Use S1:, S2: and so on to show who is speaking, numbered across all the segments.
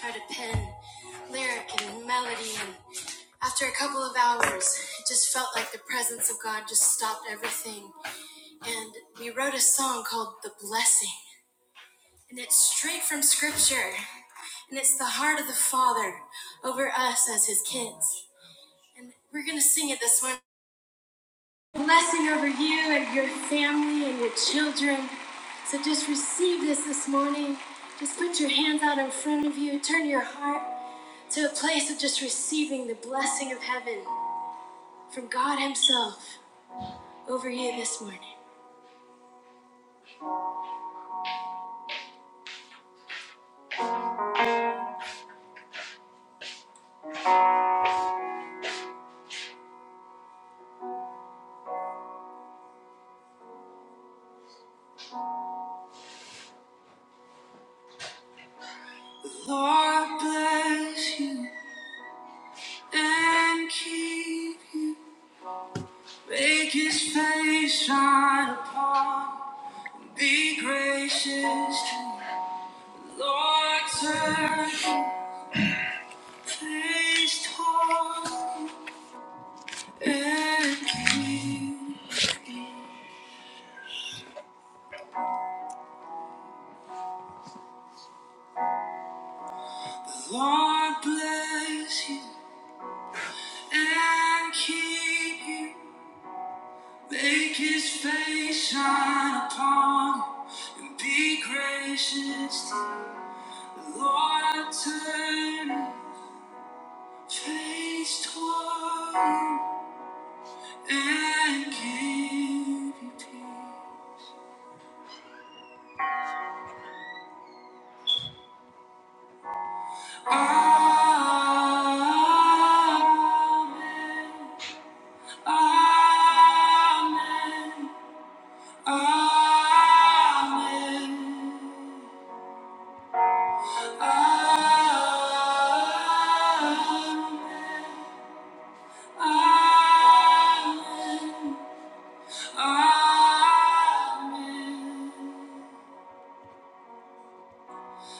S1: try to pen lyric and melody. And after a couple of hours, it just felt like the presence of God just stopped everything. And we wrote a song called The Blessing. And it's straight from scripture. And it's the heart of the Father over us as his kids. And we're going to sing it this morning blessing over you and your family and your children. So just receive this this morning. Just put your hands out in front of you. Turn your heart to a place of just receiving the blessing of heaven from God Himself over you this morning. Lord bless you and keep you. Make His face shine upon you. Be gracious to you. Lord, turn your face toward you. And Lord bless you and keep you. Make his face shine upon you and be gracious to you. Lord turn Your face toward you and give you peace. Amen. Amen. Amen. Amen. Amen. Amen.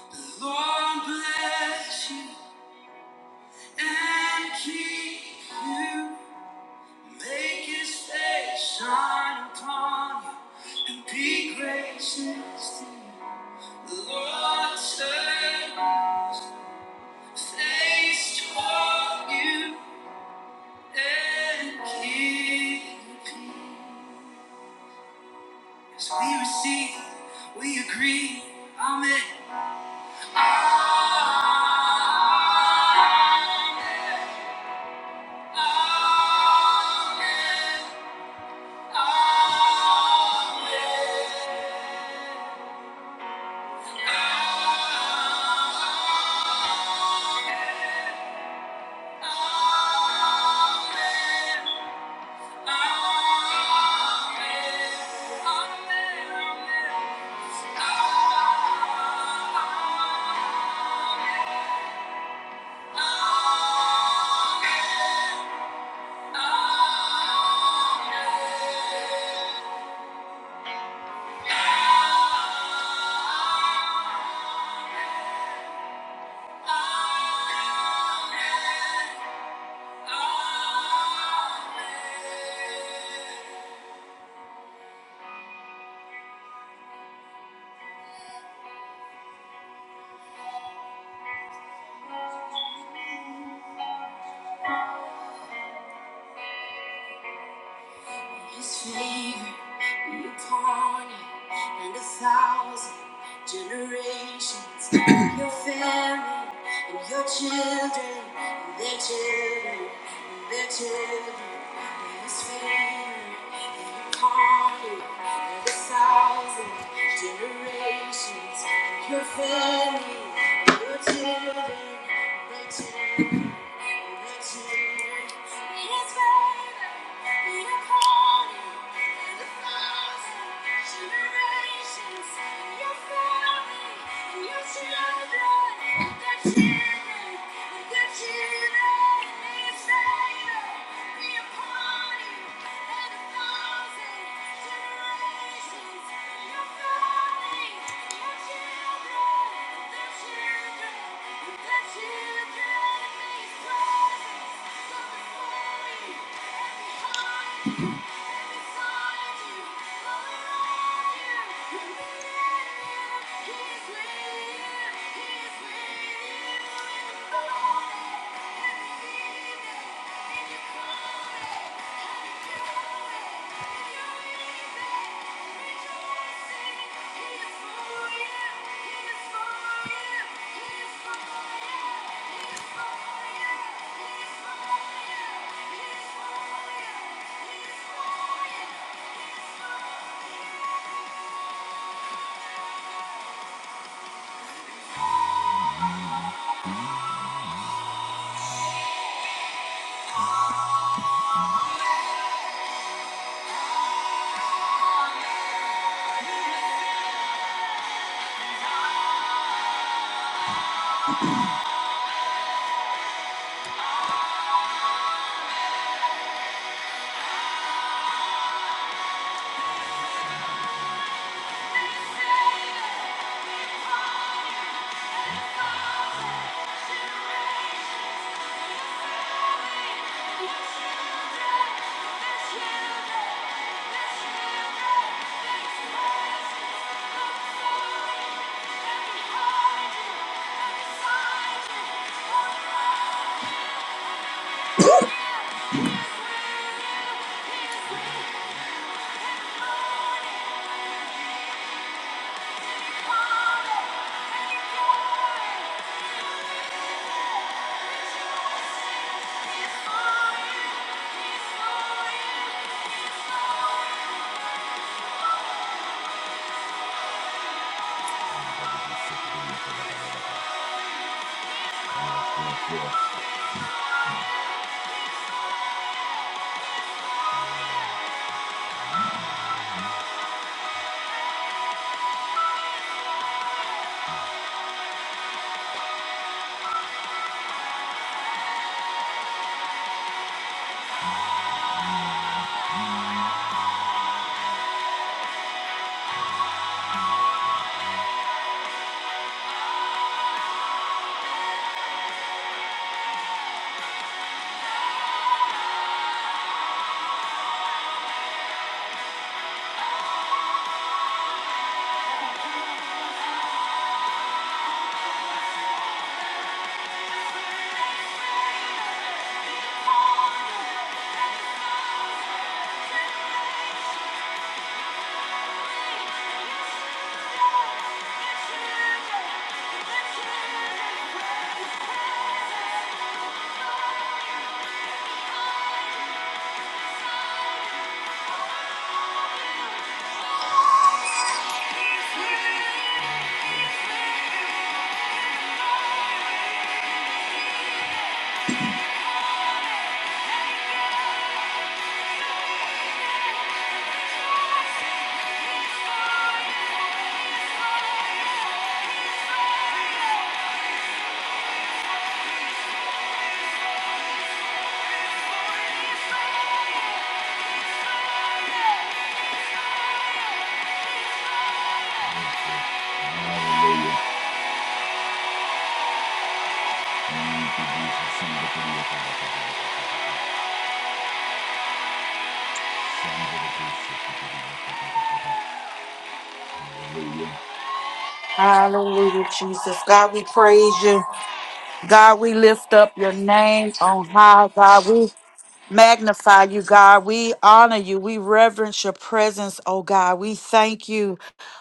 S1: The Lord bless you and keep you. Make his face shine upon you and be gracious to you. The Lord turn his face toward you and King. So we receive, we agree, Amen. Amen. Amen. Amen. Amen. Amen. Amen. Amen. Amen. His favor be upon you call it, and a thousand. Generations, your family, and your children, and their children, and their children, and his family, and you calling and the thousand generations, and your family, and your children, and their children, and their children, and his family, and you calling and the thousand. Thank you. Yeah. Thank you. Let's hear it! Let's hear it! Praise, praise,
S2: Hallelujah, Jesus. God, we praise you. God, we lift up your name on high. God, we magnify you, God. We honor you. We reverence your presence, oh God. We thank you.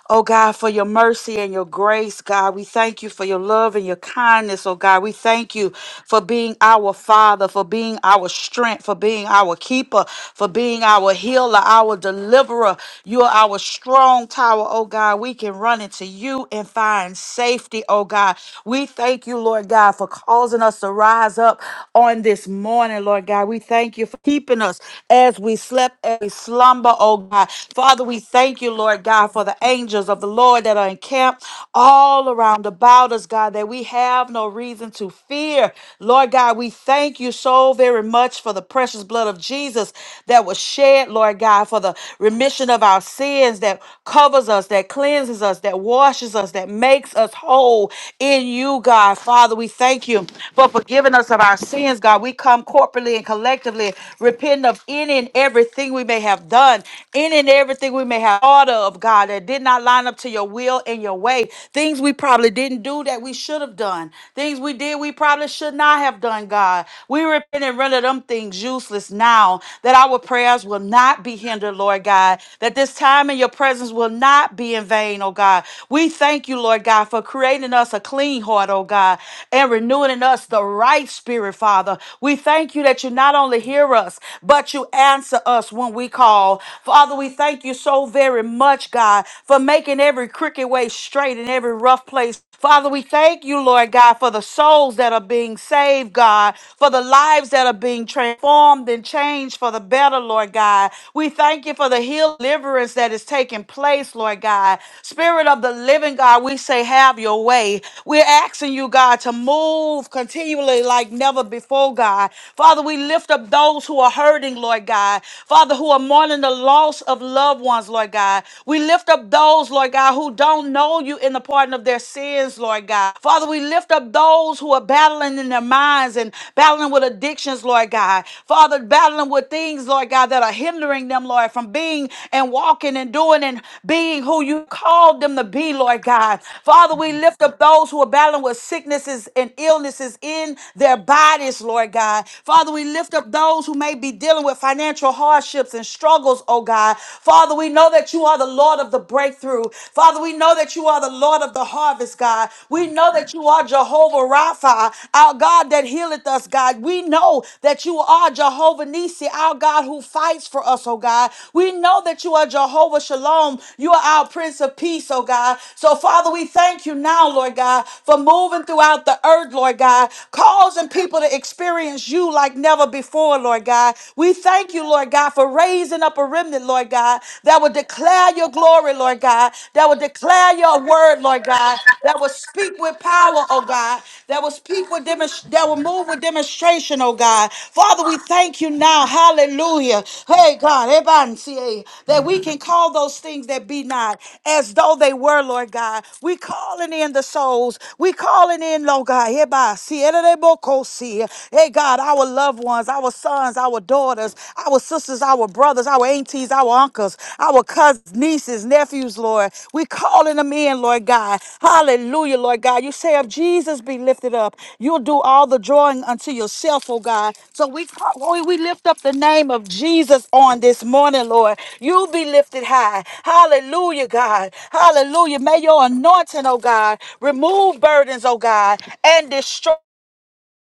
S2: Oh God, for your mercy and your grace, God. We thank you for your love and your kindness, oh God. We thank you for being our Father, for being our strength, for being our keeper, for being our healer, our deliverer. You are our strong tower, oh God. We can run into you and find safety, oh God. We thank you, Lord God, for causing us to rise up on this morning, Lord God. We thank you for keeping us as we slept, as we slumber, oh God. Father, we thank you, Lord you, Lord God, for the angels of the Lord that are encamped all around about us, God, that we have no reason to fear. Lord God, we thank you so very much for the precious blood of Jesus that was shed, Lord God, for the remission of our sins that covers us, that cleanses us, that washes us, that makes us whole in you, God. Father, we thank you for forgiving us of our sins, God. We come corporately and collectively repenting of any and everything we may have done, Any and and everything we may have thought of, God, that did not line up to your will and your way. Things we probably didn't do that we should have done. Things we did we probably should not have done, God. We repent and render them things useless now, that our prayers will not be hindered, Lord God, that this time in your presence will not be in vain, oh God. We thank you, Lord God, for creating us a clean heart, oh God, and renewing in us the right spirit, Father. We thank you that you not only hear us, but you answer us when we call call. Father, we thank you so very much, God, for making every crooked way straight and every rough place. Father, we thank you, Lord God, for the souls that are being saved, God, for the lives that are being transformed and changed for the better, Lord God. We thank you for the healing deliverance that is taking place, Lord God. Spirit of the living God, we say, have your way. We're asking you, God, to move continually like never before, God. Father, we lift up those who are hurting, Lord God. God. Father, who are mourning the loss of loved ones, Lord God. We lift up those, Lord God, who don't know you in the pardon of their sins, Lord God. Father, we lift up those who are battling in their minds and battling with addictions, Lord God. Father, battling with things, Lord God, that are hindering them, Lord, from being and walking and doing and being who you called them to be, Lord God. Father, we lift up those who are battling with sicknesses and illnesses in their bodies, Lord God. Father, we lift up those those who may be dealing with financial hardships and struggles, oh God. Father, we know that you are the Lord of the breakthrough. Father, we know that you are the Lord of the harvest, God. We know that you are Jehovah Rapha, our God that healeth us, God. We know that you are Jehovah Nisi, our God who fights for us, oh God. We know that you are Jehovah Shalom. You are our Prince of Peace, oh God. So, Father, we thank you now, Lord God, for moving throughout the earth, Lord God, causing people to experience you like you like never before, Lord God. We thank you, Lord God, for raising up a remnant, Lord God, that will declare your glory, Lord God, that will declare your word, Lord God, that will speak with power, oh God, that will speak with demonstration, that will move with demonstration, oh God. Father, we thank you now. Hallelujah. Hey, God, Ebansie, that we can call those things that be not as though they were, Lord God. We calling in the souls. We calling in, Lord God. Hereby, Ebansie, be. Hey, God, our loved ones, our sons, our daughters, our sisters, our brothers, our aunties, our uncles, our cousins, nieces, nephews, Lord. We calling them in, Lord God. Hallelujah, Lord God. You say if Jesus be lifted up, you'll do all the drawing unto yourself, oh God. So we call, Lord, we lift up the name of Jesus on this morning, Lord. You be lifted high. Hallelujah, God. Hallelujah. May your anointing, oh God, remove burdens, oh God, and destroy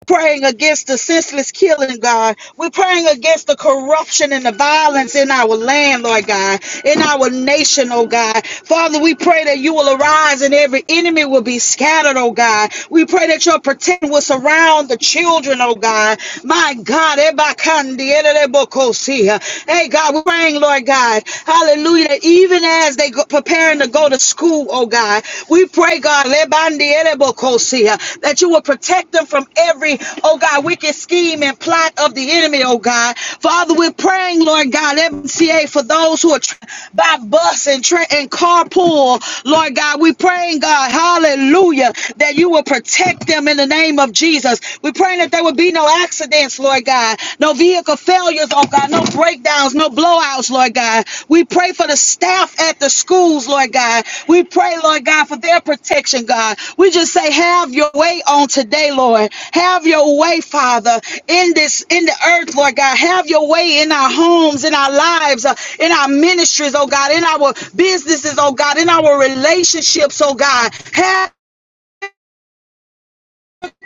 S2: praying against the senseless killing, God. We're praying against the corruption and the violence in our land, Lord God, in our nation, oh God. Father, we pray that you will arise and every enemy will be scattered, oh God. We pray that your protection will surround the children, oh God. My God, ebakandi, edebokosi. hey God, we're praying, Lord God, hallelujah, that even as they go, preparing to go to school, oh God. We pray, God, that you will protect them from every, oh God, wicked scheme and plot of the enemy, oh God. Father, we're praying, Lord God, MCA for those who are by bus and, tra- and carpool, Lord God. We're praying, God, hallelujah, that you will protect them in the name of Jesus. We're praying that there will be no accidents, Lord God, no no vehicle failures, oh God, no breakdowns, no blowouts, Lord God. We pray for the staff at the schools, Lord God. We pray, Lord God, for their protection, God. We just say, have your way on today, Lord. Have your way, Father, in this, in the earth, Lord God. Have your way in our homes, in our lives, uh, in our ministries, oh God, in our businesses, oh God, in our relationships, oh God. Have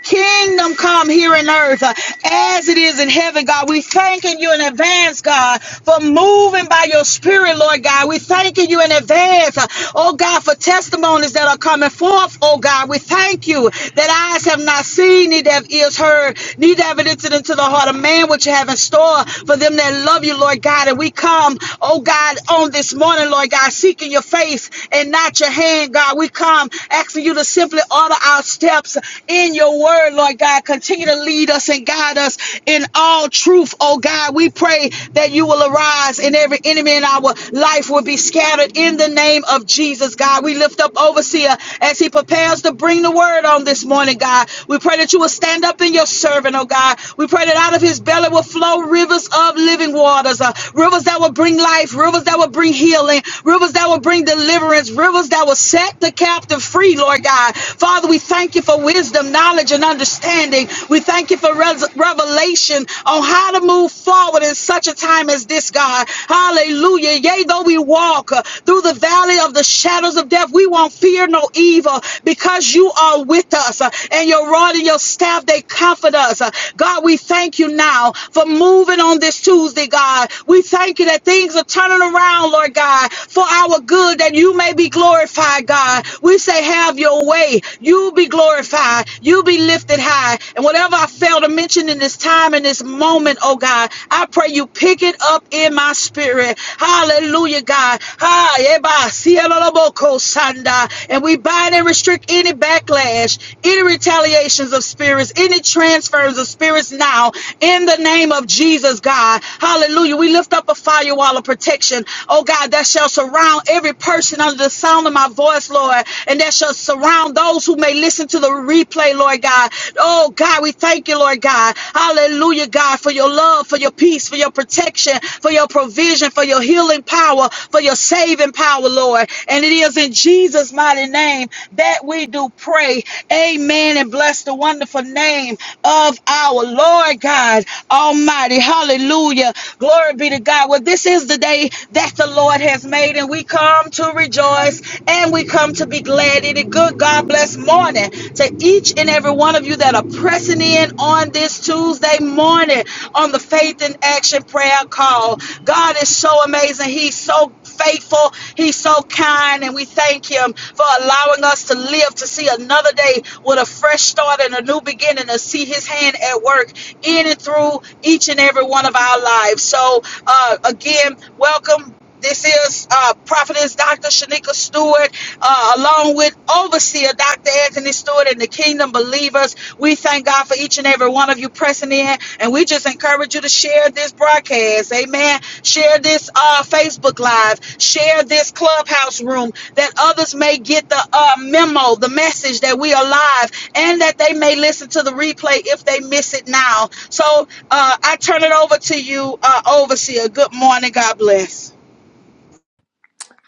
S2: Kingdom come here on earth uh, as it is in heaven, God. We thanking you in advance, God, for moving by your spirit, Lord God. We thanking you in advance, uh, oh God, for testimonies that are coming forth, oh God. We thank you that eyes have not seen, neither have ears heard, neither have it entered into the heart of man what you have in store for them that love you, Lord God. And we come, oh God, on this morning, Lord God, seeking your face and not your hand, God. We come asking you to simply order our steps steps in your word, Lord God. Continue to lead us and guide us in all truth, oh God. We pray that you will arise and every enemy in our life will be scattered in the name of Jesus, God. We lift up overseer as he prepares to bring the word on this morning, God. We pray that you will stand up in your servant, oh God. We pray that out of his belly will flow rivers of living waters, uh, rivers that will bring life, rivers that will bring healing, rivers that will bring deliverance, rivers that will set the captive free, Lord God. Father, we thank you for wisdom, knowledge, and understanding. We thank you for res- revelation on how to move forward in such a time as this, God. Hallelujah. Yea, though we walk uh, through the valley of the shadows of death, we won't fear no evil because you are with us uh, and your rod and your staff, they comfort us. Uh, God, we thank you now for moving on this Tuesday, God. We thank you that things are turning around, Lord God, for our good, that you may be glorified, God. We say, Have your way. You be glorified. You be lifted high. And whatever I fail to mention in this time, in this moment, oh God, I pray you pick it up in my spirit. Hallelujah, God. Ha, eba, sieloloboko, sanda. And we bind and restrict any backlash, any retaliations of spirits, any transfers of spirits now in the name of Jesus, God. Hallelujah. We lift up a firewall of protection, oh God, that shall surround every person under the sound of my my voice, Lord, and that shall surround those who may listen to the replay, Lord God. Oh, God, we thank you, Lord God. Hallelujah, God, for your love, for your peace, for your protection, for your provision, for your healing power, for your saving power, Lord. And it is in Jesus' mighty name that we do pray. Amen. And bless the wonderful name of our Lord God Almighty. Hallelujah. Glory be to God. Well, this is the day that the Lord has made, and we come to to rejoice and we come to be glad in it. Good God bless morning to each and every one of you that are pressing in on this Tuesday morning on the Faith in Action prayer call. God is so amazing. He's so faithful. He's so kind. And we thank Him for allowing us to live to see another day with a fresh start and a new beginning to see His hand at work in and through each and every one of our lives. So, uh, again, welcome. This is uh, Prophetess Dr. Shanika Stewart, uh, along with Overseer Dr. Anthony Stewart and the Kingdom Believers. We thank God for each and every one of you pressing in, and we just encourage you to share this broadcast. Amen. Share this uh, Facebook Live. Share this Clubhouse room that others may get the uh, memo, the message that we are live, and that they may listen to the replay if they miss it now. So uh, I turn it over to you, uh, Overseer. Good morning. God bless.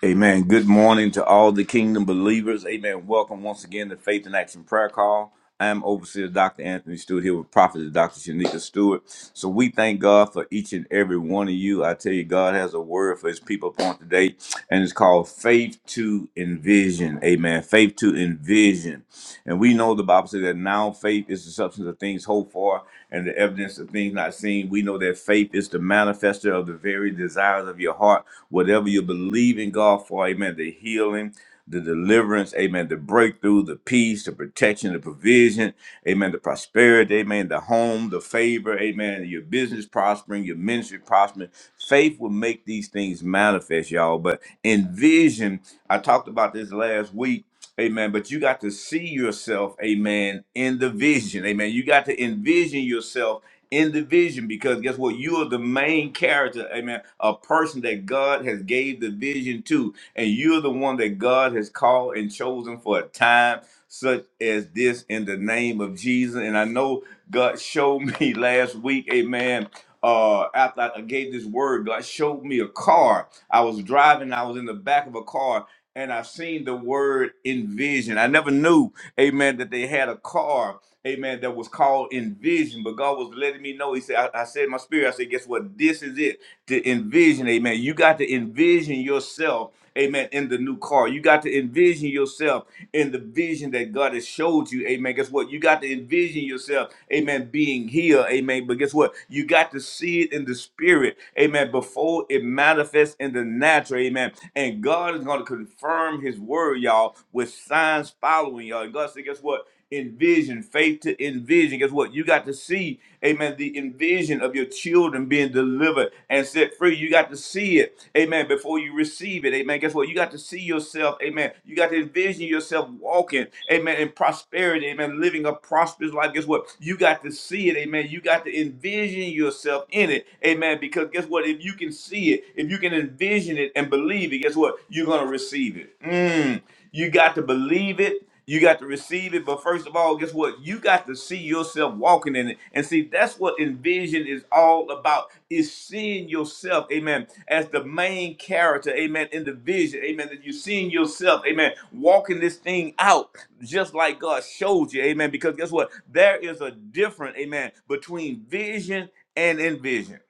S1: Amen. Good morning to all the kingdom believers. Amen. Welcome once again to Faith and Action Prayer Call. I am Overseer Dr. Anthony Stewart here with Prophet Dr. Shanika Stewart. So we thank God for each and every one of you. I tell you, God has a word for his people upon today, and it's called Faith to Envision. Amen. Faith to Envision. And we know the Bible says that now faith is the substance of things hoped for and the evidence evidence of things not seen. We know that faith is the manifester of the very desires of your heart. Whatever you believe in God for, amen, the healing, the deliverance, amen, the breakthrough, the peace, the protection, the provision, amen, the prosperity, amen, the home, the favor, amen, your business prospering, your ministry prospering. Faith will make these things manifest, y'all. But envision, I talked about this last week Amen. But you got to see yourself, amen, in the vision. Amen. You got to envision yourself in the vision because guess what? You are the main character, amen, a person that God has gave the vision to. And you're the one that God has called and chosen for a time such as this in the name of Jesus. And I know God showed me last week, amen. Uh, after I gave this word, God showed me a car. I was driving, I was in the back of a car, and I've seen the word envision. I never knew, amen, that they had a car amen, that was called envision, but God was letting me know. He said, I, I said in my spirit, I said, guess what? This is it to envision, amen. You got to envision yourself, amen, in the new car. You got to envision yourself in the vision that God has showed you, amen. Guess what? You got to envision yourself, amen, being here, amen. But guess what? You got to see it in the spirit, amen, before it manifests in the natural, amen. And God is going to confirm his word, y'all, with signs following y'all. And God said, guess what? envision, faith to envision. Guess what? You got to see, amen, the envision of your children being delivered and set free. You got to see it, amen, before you receive it, amen. Guess what? You got to see yourself, amen. You got to envision yourself walking, amen, in prosperity, amen, living a prosperous life. Guess what? You got to see it, amen. You got to envision yourself in it, amen, because guess what? If you can see it, if you can envision it and believe it, guess what? You're going to receive it. Mm. You got to believe it. You got to receive it, but first of all, guess what? You got to see yourself walking in it. And see, that's what envision is all about, is seeing yourself, amen, as the main character, amen, in the vision, amen, that you're seeing yourself, amen, walking this thing out just like God showed you, amen, because guess what? There is a difference, amen, between vision and envision.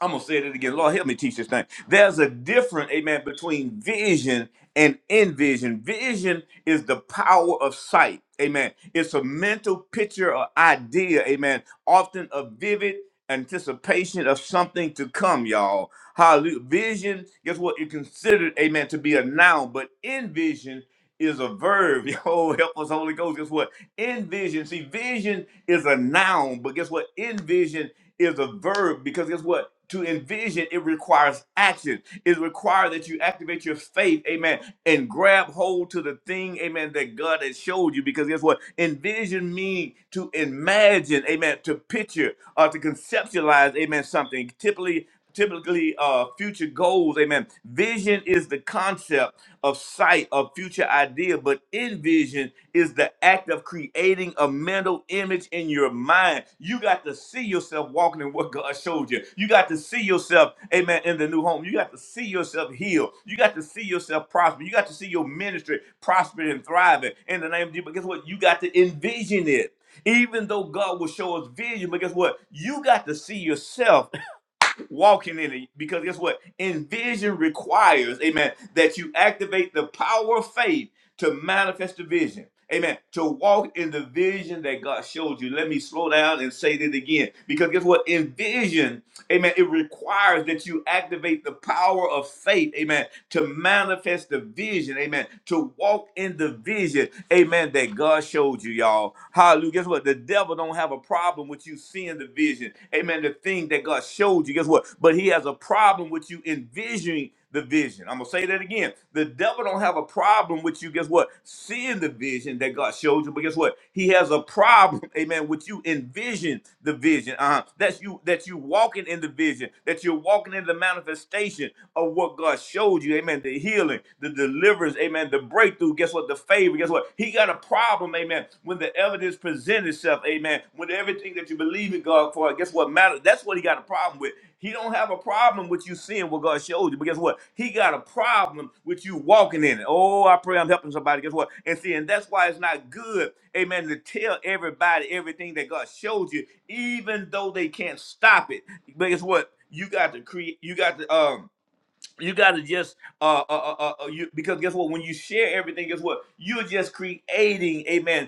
S1: I'm gonna say it again. Lord, help me teach this thing. There's a difference, amen, between vision and envision. Vision is the power of sight, amen. It's a mental picture or idea, amen. Often a vivid anticipation of something to come, y'all. Hallelujah. Vision, guess what? It's considered, amen, to be a noun, but envision is a verb. Oh, help us, Holy Ghost. Guess what? Envision. See, vision is a noun, but guess what? Envision is a verb because guess what? To envision, it requires action. It requires that you activate your faith, amen, and grab hold to the thing, amen, that God has showed you. Because guess what? Envision means to imagine, amen, to picture or to conceptualize, amen, something. Typically, typically uh, future goals. Amen. Vision is the concept of sight of future idea, but envision is the act of creating a mental image in your mind. You got to see yourself walking in what God showed you. You got to see yourself, amen, in the new home. You got to see yourself healed. You got to see yourself prosper. You got to see your ministry prospering and thriving in the name of Jesus. But guess what? You got to envision it even though God will show us vision, but guess what? You got to see yourself walking in it. Because guess what? Envision requires, amen, that you activate the power of faith to manifest the vision. Amen. To walk in the vision that God showed you. Let me slow down and say that again. Because guess what? Envision, amen, it requires that you activate the power of faith, amen, to manifest the vision, amen, to walk in the vision, amen, that God showed you, y'all. Hallelujah. Guess what? The devil don't have a problem with you seeing the vision. Amen. The thing that God showed you. Guess what? But he has a problem with you envisioning the vision. I'm gonna say that again. The devil don't have a problem with you. Guess what? Seeing the vision that God showed you. But guess what? He has a problem, amen, with you envision the vision. Uh-huh. That's you that you walking in the vision, that you're walking in the manifestation of what God showed you. Amen. The healing healing, the deliverance, amen, the breakthrough, guess what, the favor, guess what? He got a problem, amen, when the evidence presents itself, amen, when everything that you believe in God for, guess what matters? That's what he got a problem with. He don't have a problem with you seeing what God showed you, but guess what? He got a problem with you walking in it. Oh, I pray I'm helping somebody. Guess what? And see, and that's why it's not good, amen, to tell everybody everything that God showed you, even though they can't stop it. But guess what? You got to create. You got to um you gotta just uh, uh, uh, uh uh, you because guess what when you share everything guess what you're just creating amen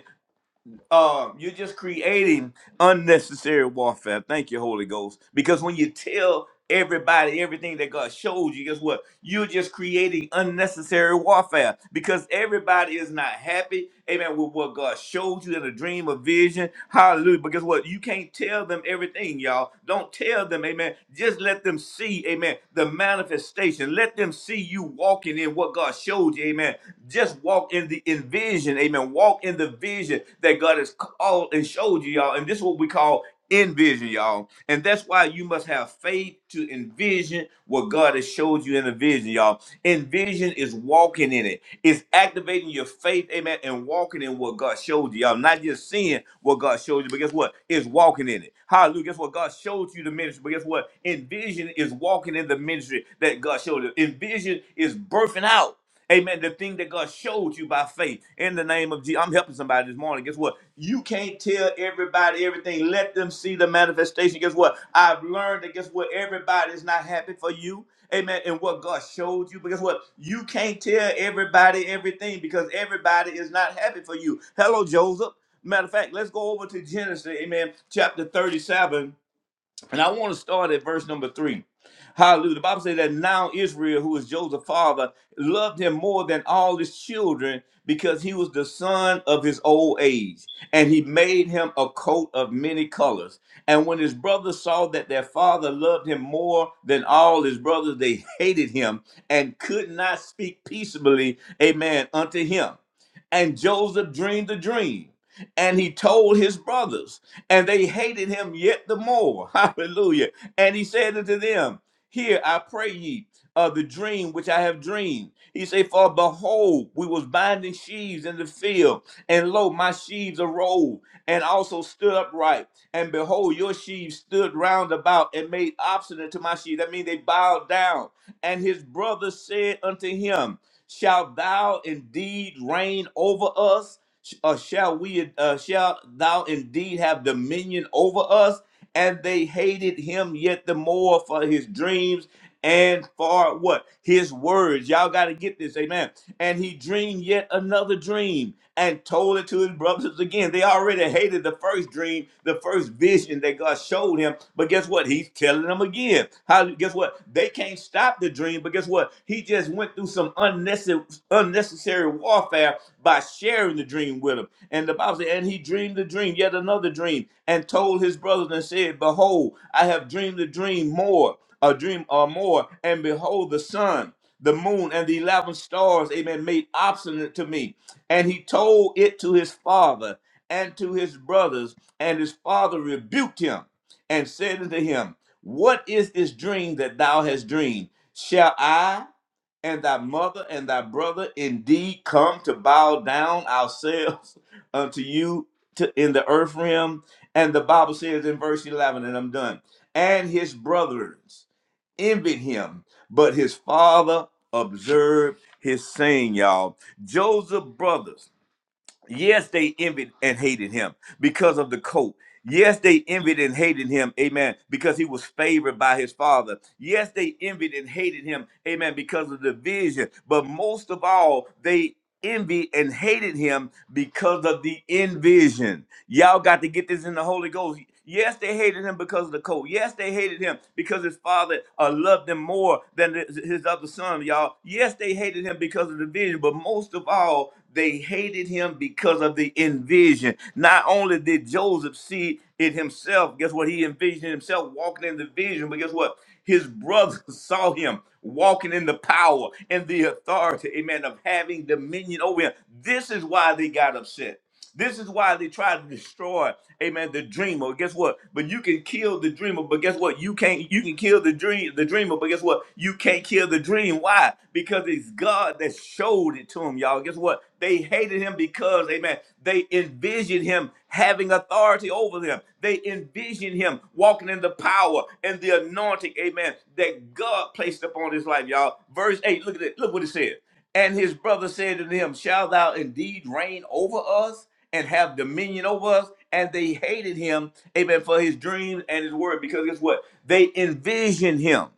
S1: uh, you're just creating unnecessary warfare. Thank you, Holy Ghost. Because when you tell everybody everything that God showed you, guess what? You're just creating unnecessary warfare because everybody is not happy, amen, with what God showed you in a dream or vision. Hallelujah. But guess what? You can't tell them everything, y'all. Don't tell them, amen. Just let them see, amen, the manifestation. Let them see you walking in what God showed you, amen. Just walk in the in vision. Amen. Walk in the vision that God has called and showed you, y'all. And this is what we call envision, y'all. And that's why you must have faith to envision what God has showed you in the vision, y'all. Envision is walking in it. It's activating your faith, amen, and walking in what God showed you, y'all. Not just seeing what God showed you, but guess what? It's walking in it. Hallelujah. Guess what? God showed you the ministry, but guess what? Envision is walking in the ministry that God showed you. Envision is birthing out. Amen. The thing that God showed you by faith in the name of Jesus. I'm helping somebody this morning. Guess what? You can't tell everybody everything. Let them see the manifestation. Guess what? I've learned that guess what? Everybody's not happy for you. Amen. And what God showed you. But guess what? You can't tell everybody everything because everybody is not happy for you. Hello, Joseph. Matter of fact, let's go over to Genesis, amen, chapter 37. And I want to start at verse number three. Hallelujah. The Bible says that now Israel, who is Joseph's father, loved him more than all his children because he was the son of his old age. And he made him a coat of many colors. And when his brothers saw that their father loved him more than all his brothers, they hated him and could not speak peaceably, amen, unto him. And Joseph dreamed a dream and he told his brothers, and they hated him yet the more. Hallelujah. And he said unto them, Hear, I pray ye of the dream which I have dreamed. He said, For behold, we was binding sheaves in the field, and lo, my sheaves arose, and also stood upright. And behold, your sheaves stood round about and made obstinate to my sheaves. That means they bowed down. And his brothers said unto him, Shalt thou indeed reign over us? Or shall we? Uh, shall thou indeed have dominion over us? And they hated him yet the more for his dreams and for what? His words. Y'all got to get this. Amen. And he dreamed yet another dream and told it to his brothers again. They already hated the first dream, the first vision that God showed him. But guess what? He's telling them again. How guess what? They can't stop the dream, but guess what? He just went through some unnecessary unnecessary warfare by sharing the dream with them. And the Bible said, and he dreamed a dream, yet another dream, and told his brothers and said, Behold, I have dreamed a dream more a dream or more, and behold, the sun, the moon, and the eleven stars, amen, made obstinate to me. And he told it to his father and to his brothers, and his father rebuked him and said unto him, What is this dream that thou hast dreamed? Shall I and thy mother and thy brother indeed come to bow down ourselves unto you to, in the earth realm? And the Bible says in verse 11, and I'm done, and his brethren envied him, but his father observed his saying, y'all. Joseph's brothers, yes, they envied and hated him because of the coat. Yes, they envied and hated him, amen, because he was favored by his father. Yes, they envied and hated him, amen, because of the vision. But most of all, they envy and hated him because of the envision. Y'all got to get this in the Holy Ghost. Yes, they hated him because of the coat. Yes, they hated him because his father uh, loved him more than his his other son, y'all. Yes, they hated him because of the vision, but most of all, they hated him because of the envision. Not only did Joseph see it himself, guess what? He envisioned himself walking in the vision, but guess what? His brothers saw him walking in the power and the authority, amen, of having dominion over him. This is why they got upset. This is why they tried to destroy, amen, the dreamer. Guess what? But you can kill the dreamer, but guess what? You can't you can kill the dream the dreamer, but guess what? You can't kill the dream. Why? Because it's God that showed it to him, y'all. Guess what? They hated him because, amen amen. They envisioned him having authority over them. They envisioned him walking in the power and the anointing, amen, that God placed upon his life, y'all. Verse 8, look at it. Look what it said. And his brother said to him, Shall thou indeed reign over us and have dominion over us? And they hated him, amen, for his dreams and his word, because guess what? They envisioned him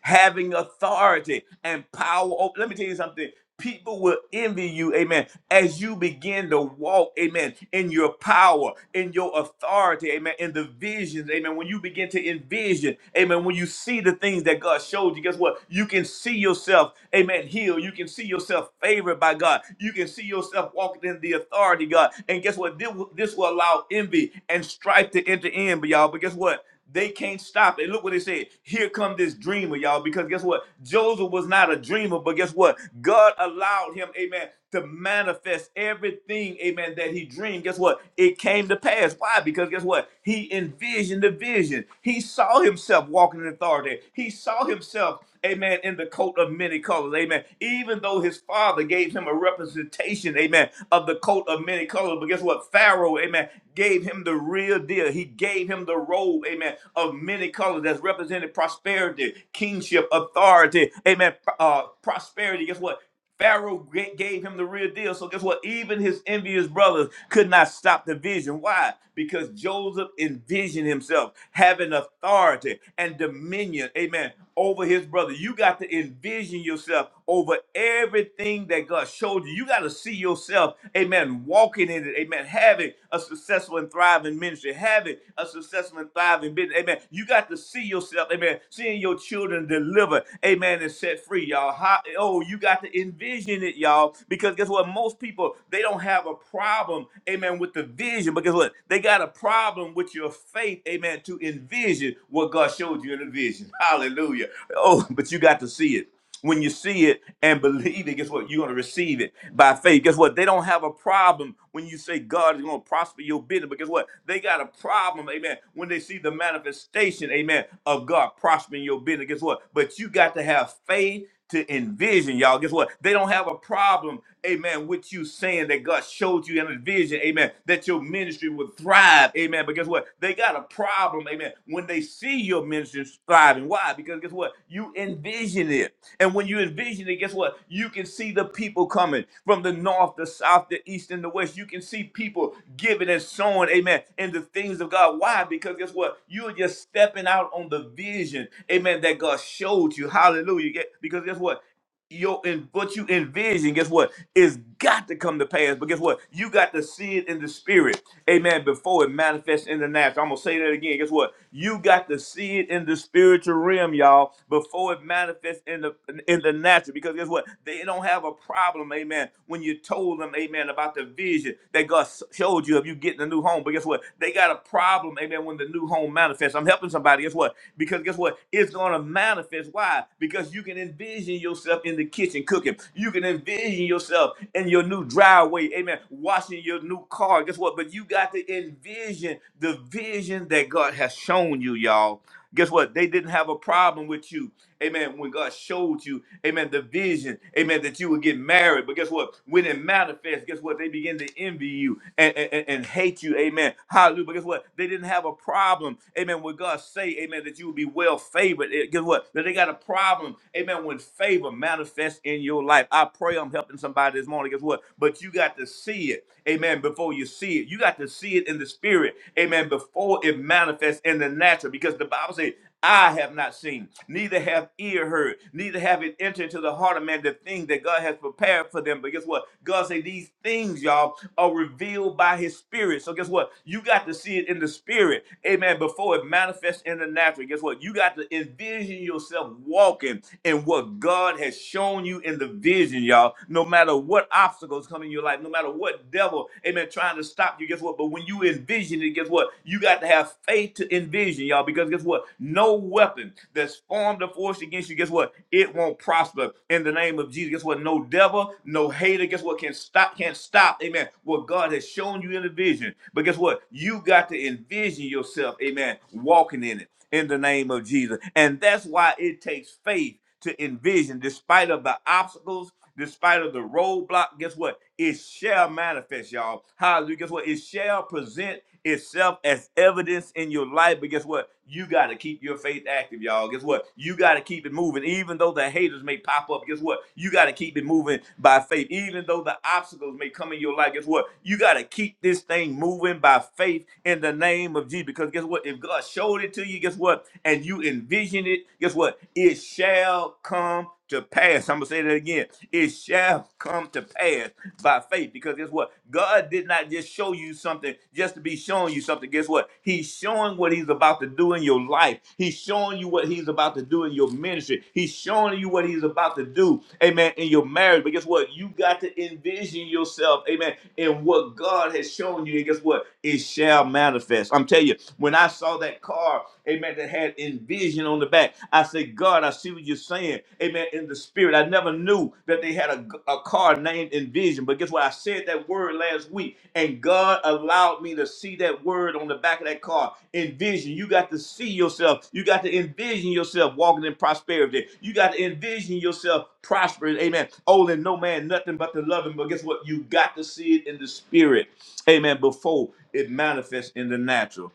S1: having authority and power. over- Let me tell you something. People will envy you, amen, as you begin to walk, amen, in your power, in your authority, amen, in the visions, amen. When you begin to envision, amen, when you see the things that God showed you, guess what? You can see yourself, amen, healed. You can see yourself favored by God. You can see yourself walking in the authority, God. And guess what? This will this will allow envy and strife to enter in, but y'all, but guess what? they can't stop it. Look what it said. Here come this dreamer, y'all. Because guess what? Joseph was not a dreamer, but guess what? God allowed him, amen, to manifest everything, amen, that he dreamed. Guess what? It came to pass. Why? Because guess what? He envisioned the vision. He saw himself walking in authority. He saw himself, amen, in the coat of many colors, amen. Even though his father gave him a representation, amen, of the coat of many many colors. But guess what? Pharaoh, amen, gave him the real deal. He gave him the robe, amen, of many colors that's represented prosperity, kingship, authority, amen, uh, prosperity. Guess what? Pharaoh ga- gave him the real deal. So guess what? Even his envious brothers could not stop the vision. Why? Because Joseph envisioned himself having authority and dominion. Amen over his brother. You got to envision yourself over everything that God showed you. You got to see yourself, amen, walking in it, amen, having a successful and thriving ministry, having a successful and thriving business, amen. You got to see yourself, amen, seeing your children delivered, amen, and set free, y'all. How, oh, you got to envision it, y'all, because guess what? Most people, they don't have a problem, amen, with the vision, but guess what? They got a problem with your your faith, amen, to envision what God showed you in a vision. Hallelujah. Oh, but you got to see it. When you see it and believe it, guess what? You're going to receive it by faith. Guess what? They don't have a problem when you say God is going to prosper your business. But guess what? They got a problem, amen, when they see the manifestation, amen, of God prospering your business. Guess what? But you got to have faith to envision, y'all. Guess what? They don't have a problem, amen, with you saying that God showed you in a vision, amen, that your ministry would thrive, amen. But guess what? They got a problem, amen, when they see your ministry thriving. Why? Because guess what? You envision it. And when you you envision it, guess what? You can see the people coming from the north, the south, the east, and the west. You can see people giving and sowing, amen, in the things of God. Why? Because guess what? You are just stepping out on the vision, amen, that God showed you. Hallelujah. Yeah, Because guess what? your and what you envision, guess what? It's got to come to pass. But guess what? You got to see it in the spirit. Amen. Before it manifests in the natural. I'm gonna say that again. Guess what? You got to see it in the spiritual realm, y'all, before it manifests in the in the natural. Because guess what? They don't have a problem, amen, when you told them, amen, about the vision that God s- showed you of you getting a new home. But guess what? They got a problem, amen, when the new home manifests. I'm helping somebody. Guess what? Because guess what? It's gonna manifest. Why? Because you you can envision yourself in the kitchen cooking. You can envision yourself in your new driveway, amen, washing your new car. Guess what? But you got to envision the vision that God has shown you, y'all. Guess what? They didn't have a problem with you. Amen. When God showed you, amen, the vision, amen, that you would get married. But guess what? When it manifests, guess what? They begin to envy you and, and, and- hate you. Amen. Hallelujah. But guess what? They didn't have a problem, amen, with God say, amen, that you would be well favored. Eh, Guess what? what? That they got a problem, amen, when favor manifests in your life. I pray I'm helping somebody this morning. Guess what? But you got to see it, amen, before you see it. You got to see it in the spirit, amen, before it manifests in the natural. Because the Bible says, I have not seen, neither have ear heard, neither have it entered into the heart of man the thing that God has prepared for them. But guess what? God say these things, y'all, are revealed by his spirit. So guess what? You got to see it in the spirit, amen, before it manifests in the natural. Guess what? guess what? You got to envision yourself walking in what God has shown you in the vision, y'all. No matter what obstacles come in your life, no matter what devil, amen, trying to stop you, guess what? But when you envision it, guess what? You got to have faith to envision, y'all, because guess what? No weapon that's formed or forced against you, guess what? It won't prosper in the name of Jesus. Guess what? No devil, no hater, guess what? Can stop, can't stop, amen, what God has shown you in the vision. But guess what? You got to envision yourself, amen, walking in it in the name of Jesus. And that's why it takes faith to envision, despite of the obstacles, despite of the roadblock. Guess what? It shall manifest, y'all. Hallelujah. Guess what? It shall present itself as evidence in your life. But guess what? You got to keep your faith active, y'all. Guess what? You got to keep it moving. Even though the haters may pop up, guess what? You got to keep it moving by faith. Even though the obstacles may come in your life, guess what? You got to keep this thing moving by faith in the name of Jesus. because. Because guess what? If God showed it to you, guess what? And you envision it, guess what? It shall come to pass. I'm gonna say that again. It shall come to pass by faith. Because guess what? God did not just show you something just to be showing you something. Guess what? He's showing what he's about to do in your life. He's showing you what he's about to do in your ministry. He's showing you what he's about to do, amen, in your marriage. But guess what? You got to envision yourself, amen, in what God has shown you. And guess what? It shall shall manifest. I'm telling you, when I saw that car, amen, that had envision on the back, I said, God, I see what you're saying, amen, in the spirit. I never knew that they had a, a car named envision, but guess what? I said that word last week, and God allowed me to see that word on the back of that car. Envision. You got to see yourself. You got to envision yourself walking in prosperity. You got to envision yourself prosperous. Amen. Oh, and no man, nothing but the loving. But guess what? You got to see it in the spirit amen, before it manifests in the natural.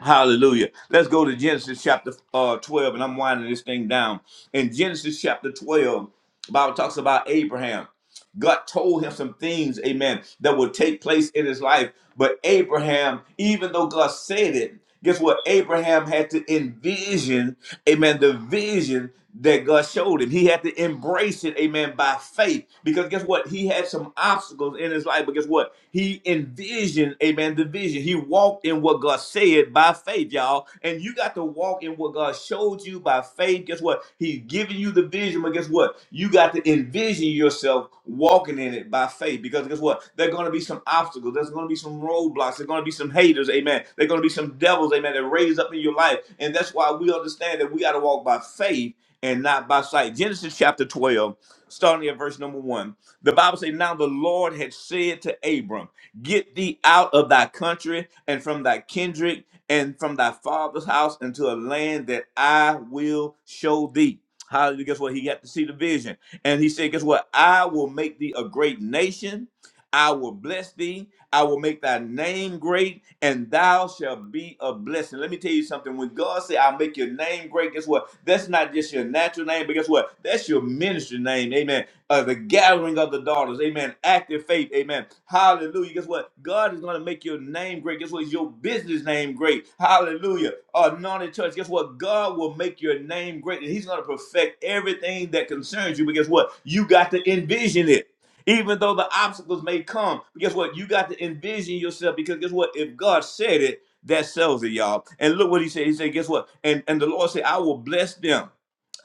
S1: Hallelujah. Let's go to Genesis chapter uh, 12, and I'm winding this thing down. In Genesis chapter 12, the Bible talks about Abraham. God told him some things, amen, that would take place in his life. But Abraham, even though God said it, guess what? Abraham had to envision, amen, the vision that God showed him. He had to embrace it, amen, by faith. Because guess what? He had some obstacles in his life, but guess what? He envisioned, amen, the vision. He walked walked in what God said by faith, y'all. And you got to walk in what God showed you by faith. Guess what? He's giving you the vision, but guess what? You got to envision yourself walking in it by faith. Because guess what? There are going to be some obstacles. There's going to be some roadblocks. There's going to be some haters, amen. There's going to be some devils, amen, that raise up in your life. And that's why we understand that we got to walk by faith and not by sight. Genesis chapter 12, starting at verse number one. The Bible says, Now the Lord had said to Abram, Get thee out of thy country and from thy kindred and from thy father's house into a land that I will show thee. Hallelujah. Guess what? He got to see the vision. And he said, Guess what? I will make thee a great nation I will bless thee. I will make thy name great, and thou shalt be a blessing. Let me tell you something. When God say, I'll make your name great, guess what? That's not just your natural name, but guess what? That's your ministry name. Amen. Uh, the gathering of the daughters. Amen. Active faith. Amen. Hallelujah. Guess what? God is going to make your name great. Guess what? It's your business name great. Hallelujah. Anointed church. Guess what? God will make your name great, and He's going to perfect everything that concerns you. But guess what? You got to envision it. Even though the obstacles may come, but guess what? You got to envision yourself because guess what? If God said it, that sells it, y'all. And look what he said. He said, guess what? And and the Lord said, I will bless them.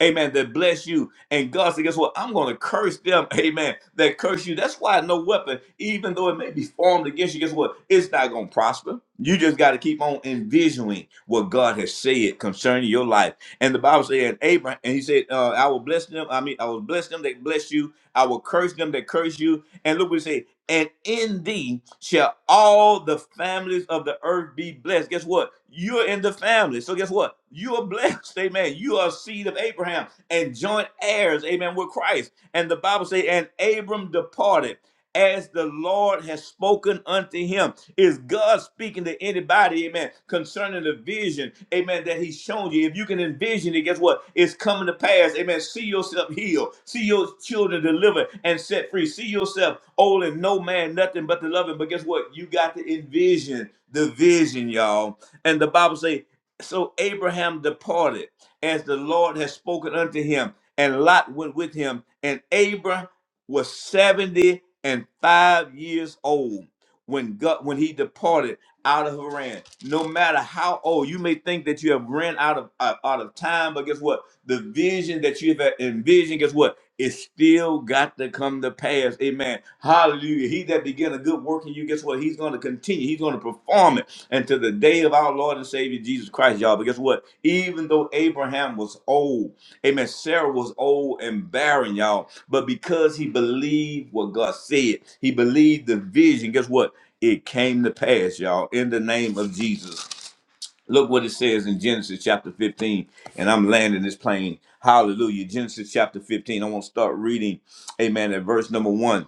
S1: Amen. That bless you. And God said, guess what? I'm going to curse them. Amen. That curse you. That's why no weapon, even though it may be formed against you, guess what? It's not going to prosper. You just got to keep on envisioning what God has said concerning your life. And the Bible said, and Abraham, and he said, uh, I will bless them. I mean, I will bless them that bless that bless you. I will curse them that curse you. And look what it says. And in thee shall all the families of the earth be blessed. Guess what? You're in the family. So guess what? You are blessed. Amen. You are seed of Abraham and joint heirs. Amen. With Christ. And the Bible say, and Abram departed as the Lord has spoken unto him. Is God speaking to anybody, amen, concerning the vision, amen, that he's shown you? If you can envision it, guess what? It's coming to pass, amen. See yourself healed, see your children delivered and set free, see yourself old and no man, nothing but the loving. But guess what? You got to envision the vision, y'all. And the Bible say, so Abraham departed as the Lord has spoken unto him, and Lot went with him, and Abraham was 70 and 5 years old when God, when he departed out of Haran. No matter how old you may think that you have ran out of out out of time, but guess what? The vision that you have envisioned, guess what? It still got to come to pass. Amen. Hallelujah. He that began a good work in you, guess what? He's going to continue. He's going to perform it until the day of our Lord and Savior Jesus Christ, y'all. But guess what? Even though Abraham was old, Amen. Sarah was old and barren, y'all. But because he believed what God said, he believed the vision. Guess what? It came to pass, y'all, in the name of Jesus. Look what it says in Genesis chapter 15. And I'm landing this plane. Hallelujah. Genesis chapter 15. I want to start reading, amen, at verse number one.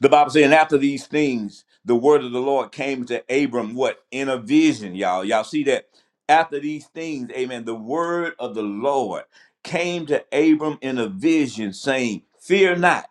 S1: The Bible saying after these things, the word of the Lord came to Abram, what? In a vision, y'all. Y'all see that? After these things, amen, the word of the Lord came to Abram in a vision saying, Fear not.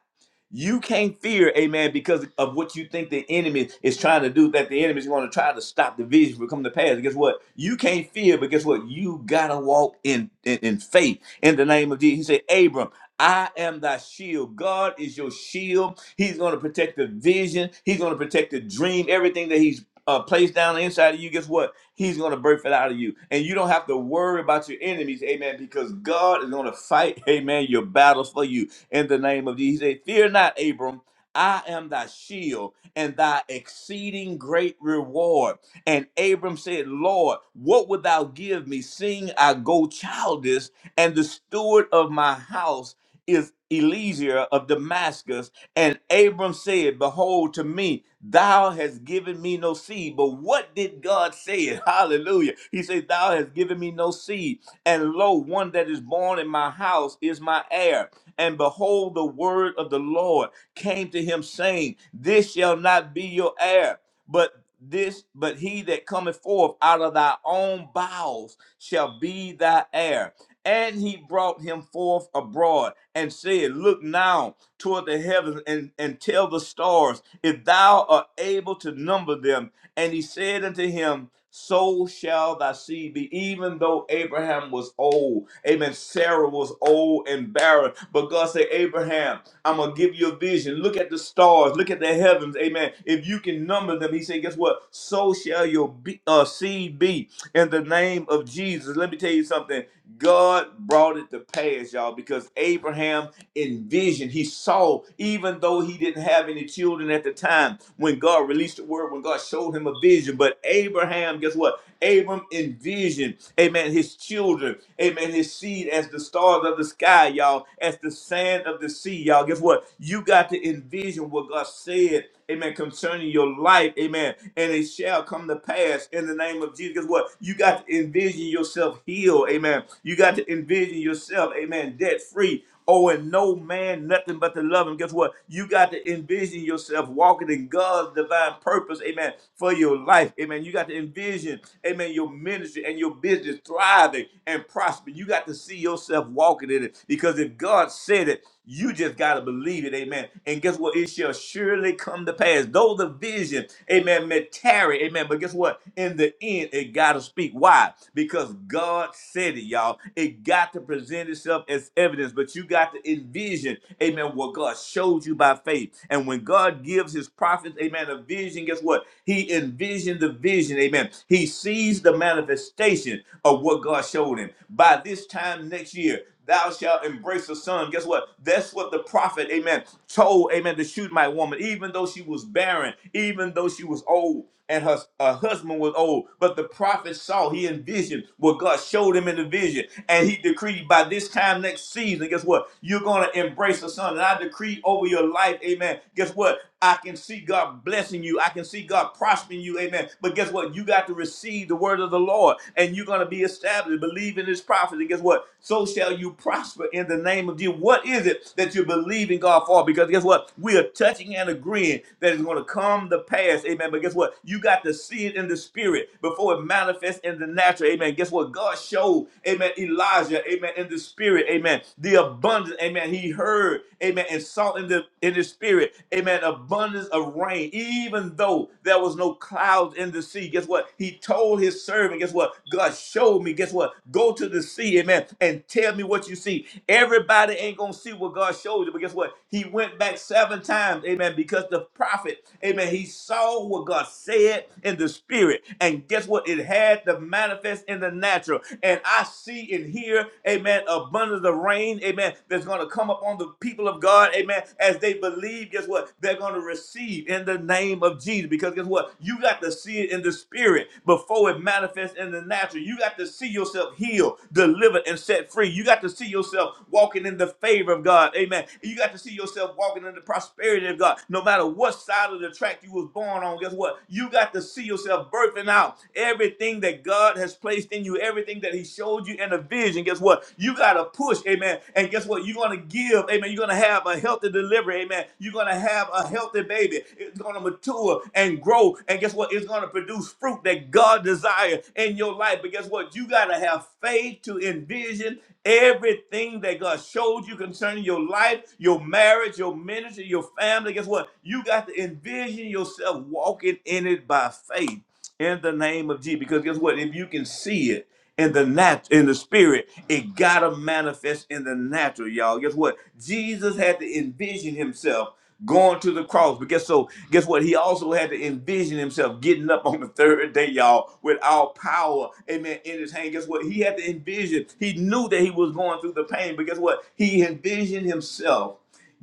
S1: You can't fear, amen, because of what you think the enemy is trying to do, that the enemy is going to try to stop the vision from coming to pass. Guess what? You can't fear, but guess what? You got to walk in, in, in faith in the name of Jesus. He said, Abram, I am thy shield. God is your shield. He's going to protect the vision. He's going to protect the dream, everything that he's uh, placed down inside of you, guess what? He's going to birth it out of you. And you don't have to worry about your enemies, amen, because God is going to fight, amen, your battles for you in the name of Jesus. He said, Fear not, Abram. I am thy shield and thy exceeding great reward. And Abram said, Lord, what wilt thou give me, seeing I go childless, and the steward of my house is Eliezer of Damascus. And Abram said, Behold, to me, thou hast given me no seed. But what did God say? Hallelujah. He said, Thou hast given me no seed. And lo, one that is born in my house is my heir. And behold, the word of the Lord came to him, saying, This shall not be your heir, but this, but he that cometh forth out of thy own bowels shall be thy heir. And he brought him forth abroad and said, Look now toward the heavens and, and tell the stars, if thou art able to number them. And he said unto him, So shall thy seed be, even though Abraham was old. Amen. Sarah was old and barren. But God said, Abraham, I'm going to give you a vision. Look at the stars. Look at the heavens. Amen. If you can number them, he said, Guess what? So shall your be, uh, seed be in the name of Jesus. Let me tell you something. God brought it to pass, y'all, because Abraham envisioned. He saw, even though he didn't have any children at the time time when God released the word, when God showed him a vision. But Abraham, guess what? Abram envisioned, amen, his children, amen, his seed as the stars of the sky, y'all, as the sand of the sea, y'all. Guess what? You got to envision what God said, amen, concerning your life, amen, and it shall come to pass in the name of Jesus. Guess what? You got to envision yourself healed, amen. You got to envision yourself, amen, debt free Oh, and no man, nothing but to love him. Guess what? You got to envision yourself walking in God's divine purpose, amen, for your life. Amen. You got to envision, amen, your ministry and your business thriving and prospering. You got to see yourself walking in it because if God said it, you just got to believe it, amen. And guess what? It shall surely come to pass. Though the vision, amen, may tarry, amen. But guess what? In the end, it got to speak. Why? Because God said it, y'all. It got to present itself as evidence, but you got to envision, amen, what God showed you by faith. And when God gives his prophets, amen, a vision, guess what? He envisioned the vision, amen. He sees the manifestation of what God showed him. By this time next year, thou shalt embrace a son. Guess what? That's what the prophet, amen, told, amen, to shoot my woman, even though she was barren, even though she was old and her, her husband was old. But the prophet saw, he envisioned what God showed him in the vision. And he decreed by this time next season, guess what? You're going to embrace a son. And I decree over your life, amen. Guess what? I can see God blessing you. I can see God prospering you, amen. But guess what? You got to receive the word of the Lord, and you're going to be established. Believe in his prophets. And guess what? So shall you prosper in the name of Jesus. What is it that you're believing God for? Because guess what? We are touching and agreeing that it's going to come to pass. Amen. But guess what? You got to see it in the spirit before it manifests in the natural. Amen. Guess what? God showed, amen, Elijah, amen, in the spirit, amen, the abundance, amen. He heard, amen, and saw in the in the spirit, amen, abundance of of rain, even though there was no clouds in the sea. Guess what? He told his servant, guess what? God showed me, guess what? Go to the sea, amen, and tell me what you see. Everybody ain't gonna see what God showed you, but guess what? He went back seven times, amen, because the prophet, amen, he saw what God said in the spirit. And guess what? It had to manifest in the natural. And I see and hear, amen, abundance of rain, amen. that's that's going to come upon the people of God, amen, as they believe, guess what? They're going to receive in the name of Jesus. Because guess what? You got to see it in the spirit before it manifests in the natural. You got to see yourself healed, delivered, and set free. You got to see yourself walking in the favor of God, amen. You got to see yourself walking in the prosperity of God. No matter what side of the track you was born on, guess what? You got to see yourself birthing out everything that God has placed in in you, everything that He showed you in a vision, guess what? You got to push, amen. And guess what? You're going to give, amen. You're going to have a healthy delivery, amen. You're going to have a healthy baby. It's going to mature and grow. And guess what? It's going to produce fruit that God desires in your life. But guess what? You got to have faith to envision everything that God showed you concerning your life, your marriage, your ministry, your family. Guess what? You got to envision yourself walking in it by faith in the name of Jesus. Because guess what? If you can see it in the nat in the spirit, it gotta manifest in the natural, y'all. Guess what? Jesus had to envision himself going to the cross. But guess so guess what? He also had to envision himself getting up on the third day, y'all, with all power, amen, in his hand. Guess what? He had to envision. He knew that he was going through the pain, but guess what? He envisioned himself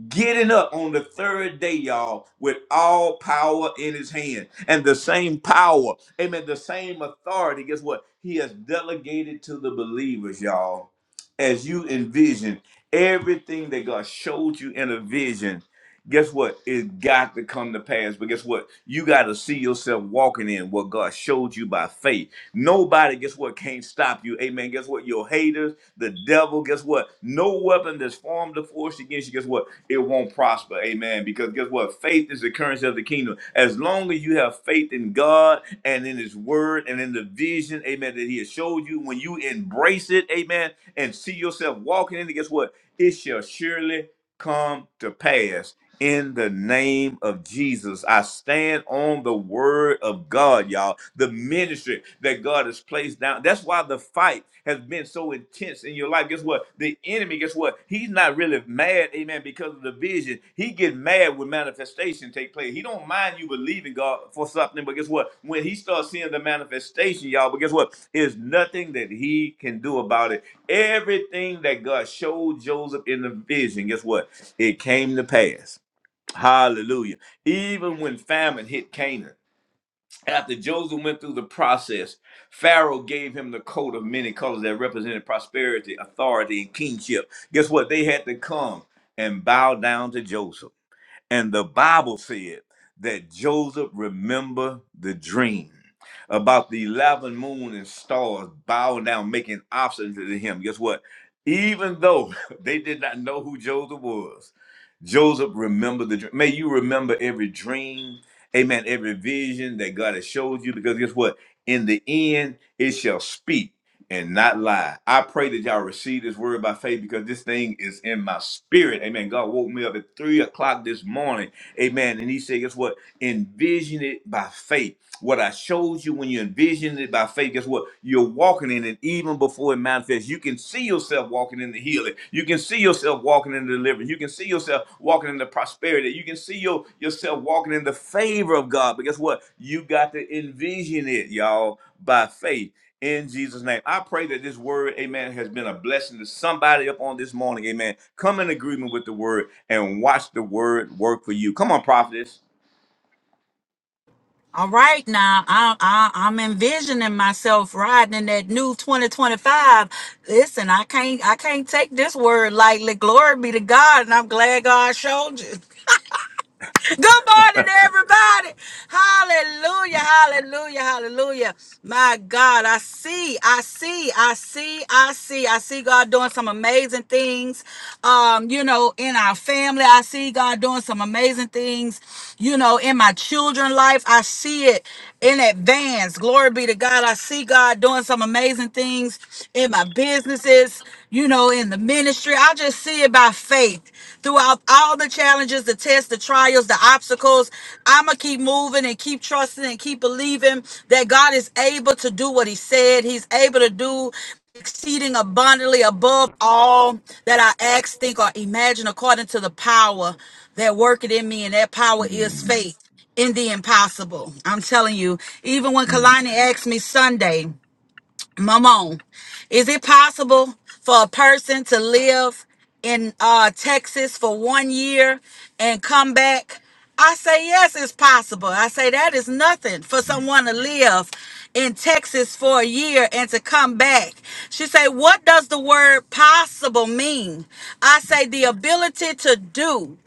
S1: getting up on the third day, y'all, with all power in his hand. And the same power, amen, the same authority, guess what? He has delegated to the believers, y'all, as you envision everything that God showed you in a vision. Guess what? It got to come to pass. But guess what? You got to see yourself walking in what God showed you by faith Nobody, guess what, can't stop you. Amen. Guess what? Your haters, the devil, guess what? No weapon that's formed or forced against you, guess what? It won't prosper. Amen. Because guess what? Faith is the currency of the kingdom. As long as you have faith in God and in his word and in the vision, amen, that he has showed you, when you embrace it, amen, and see yourself walking in it, guess what? It shall surely come to pass. In the name of Jesus, I stand on the word of God, y'all. The ministry that God has placed down. That's why the fight has been so intense in your life. Guess what? The enemy, guess what? He's not really mad, amen, because of the victory vision, he get mad when manifestation take place. He don't mind you believing God for something, but guess what? When he starts seeing the manifestation, y'all, but guess what? There's nothing that he can do about it. Everything that God showed Joseph in the vision, guess what? It came to pass. Hallelujah. Even when famine hit Canaan, after Joseph went through the process, Pharaoh gave him the coat of many colors that represented prosperity, authority, and kingship. Guess what? They had to come and bow down to Joseph. And the Bible said that Joseph remembered the dream about the 11 moon and stars bowing down, making obstacles to him. Guess what? Even though they did not know who Joseph was, Joseph remembered the dream. May you remember every dream, amen, every vision that God has showed you, because guess what? In the end, it shall speak and not lie. I pray that y'all receive this word by faith because this thing is in my spirit. Amen. God woke me up at three o'clock this morning. Amen. And he said, guess what? Envision it by faith. What I showed you when you envision it by faith, guess what? You're walking in it even before it manifests. You can see yourself walking in the healing. You can see yourself walking in the deliverance. You can see yourself walking in the prosperity. You can see your, yourself walking in the favor of God. But guess what? You got to envision it, y'all, by faith in Jesus' name. I pray that this word, amen, has been a blessing to somebody up on this morning, amen. Come in agreement with the word and watch the word work for you. Come on, prophetess.
S2: All right, now I, I I'm envisioning myself riding in that new 2025. Listen, I can't I can't take this word lightly. Glory be to God, and I'm glad God showed you. Good morning, everybody. Hallelujah, hallelujah, hallelujah. My God, I see, I see, I see, I see, I see God doing some amazing things. Um, you know, in our family, I see God doing some amazing things. You know, in my children's life, I see it in advance. Glory be to God. I see God doing some amazing things in my businesses you know, in the ministry. I just see it by faith throughout all the challenges, the tests, the trials, the obstacles. I'm going to keep moving and keep trusting and keep believing that God is able to do what He said. He's able to do exceeding abundantly above all that I ask, think, or imagine according to the power that worketh in me. And that power is faith in the impossible. I'm telling you, even when Kalani asked me Sunday, Mamon, is it possible for a person to live in uh, Texas for one year and come back? I say yes, it's possible. I say that is nothing for someone to live in Texas for a year and to come back. She say, what does the word possible mean? I say the ability to do.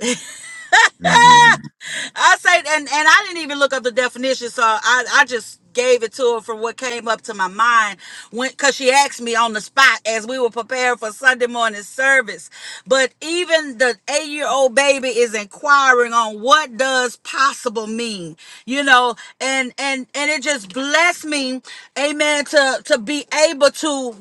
S2: I say, and and I didn't even look up the definition, so I I just gave it to her from what came up to my mind when because she asked me on the spot as we were preparing for Sunday morning service. But even the eight-year-old baby is inquiring on what does possible mean, you know, and and and it just blessed me, amen, to to be able to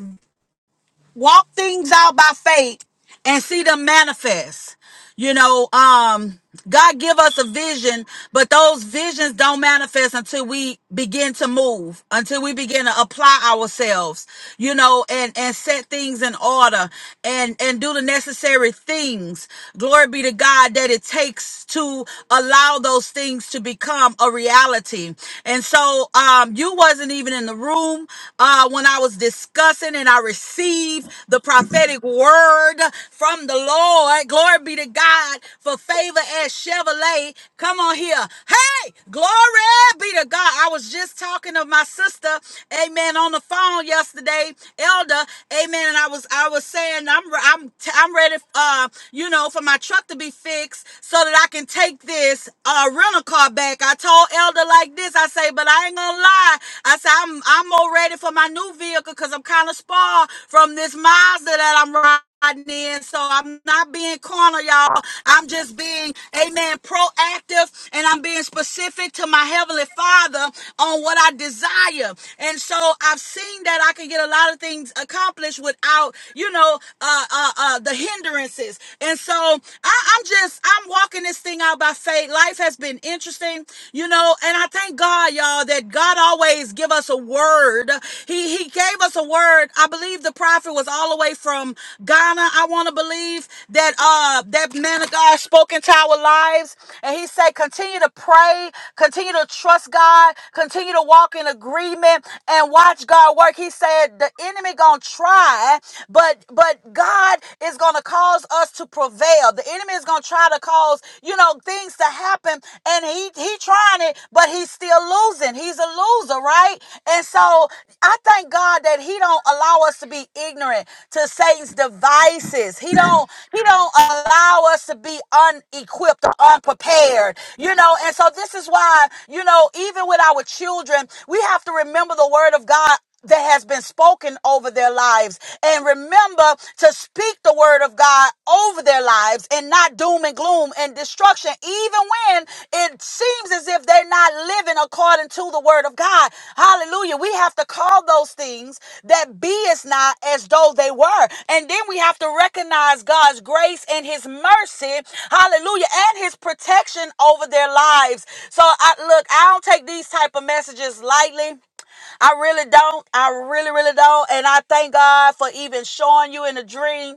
S2: walk things out by faith and see them manifest. You know, um, God give us a vision, but those visions don't manifest until we begin to move, until we begin to apply ourselves, you know, and, and set things in order and, and do the necessary things. Glory be to God that it takes to allow those things to become a reality. And so, um, you wasn't even in the room room uh, when I was discussing and I received the prophetic word from the Lord. Glory be to God for favor as Chevrolet. Come on here. Hey, glory be to God. I was just talking to my sister, amen, on the phone yesterday, Elder, amen, and I was I was saying I'm I'm i I'm ready uh, you know, for my truck to be fixed so that I can take this uh rental car back. I told Elder brother like this. I say, but I ain't gonna lie. I say I'm I'm more ready for my new vehicle because I'm kind of spoiled from this Mazda that I'm riding. In, so I'm not being corner, y'all. I'm just being, amen, proactive and I'm being specific to my Heavenly Father on what I desire. And so I've seen that I can get a lot of things accomplished without, you know, uh, uh, uh, the hindrances. And so I, I'm just, I'm walking this this thing out by faith. Life has been interesting, you know, and I thank God, y'all, that God always give us a word. He he gave us a word. I believe the prophet was all the way from Ghana. I want to believe that uh that man of God spoke into our lives, and he said, continue to pray, continue to trust God, continue to walk in agreement, and watch God work. He said the enemy gonna try, but but God is gonna cause cause us to prevail. The enemy is going to try to cause, you know, things to happen and he he trying it, but he's still losing. He's a loser, right? And so I thank God that he don't allow us to be ignorant to Satan's devices. He don't he don't allow us to be unequipped or unprepared. You know, and so this is why, you know, even with our children, we have to remember the word of God that has been spoken over their lives. And remember to speak the word of God over their lives and not doom and gloom and destruction, even when it seems as if they're not living according to the word of God. Hallelujah. We have to call those things that be is not as though they were. And then we have to recognize God's grace and his mercy. Hallelujah. And his protection over their lives. So I look, I don't take these type of messages lightly. I really don't. I really, really don't. And I thank God for even showing you in a dream.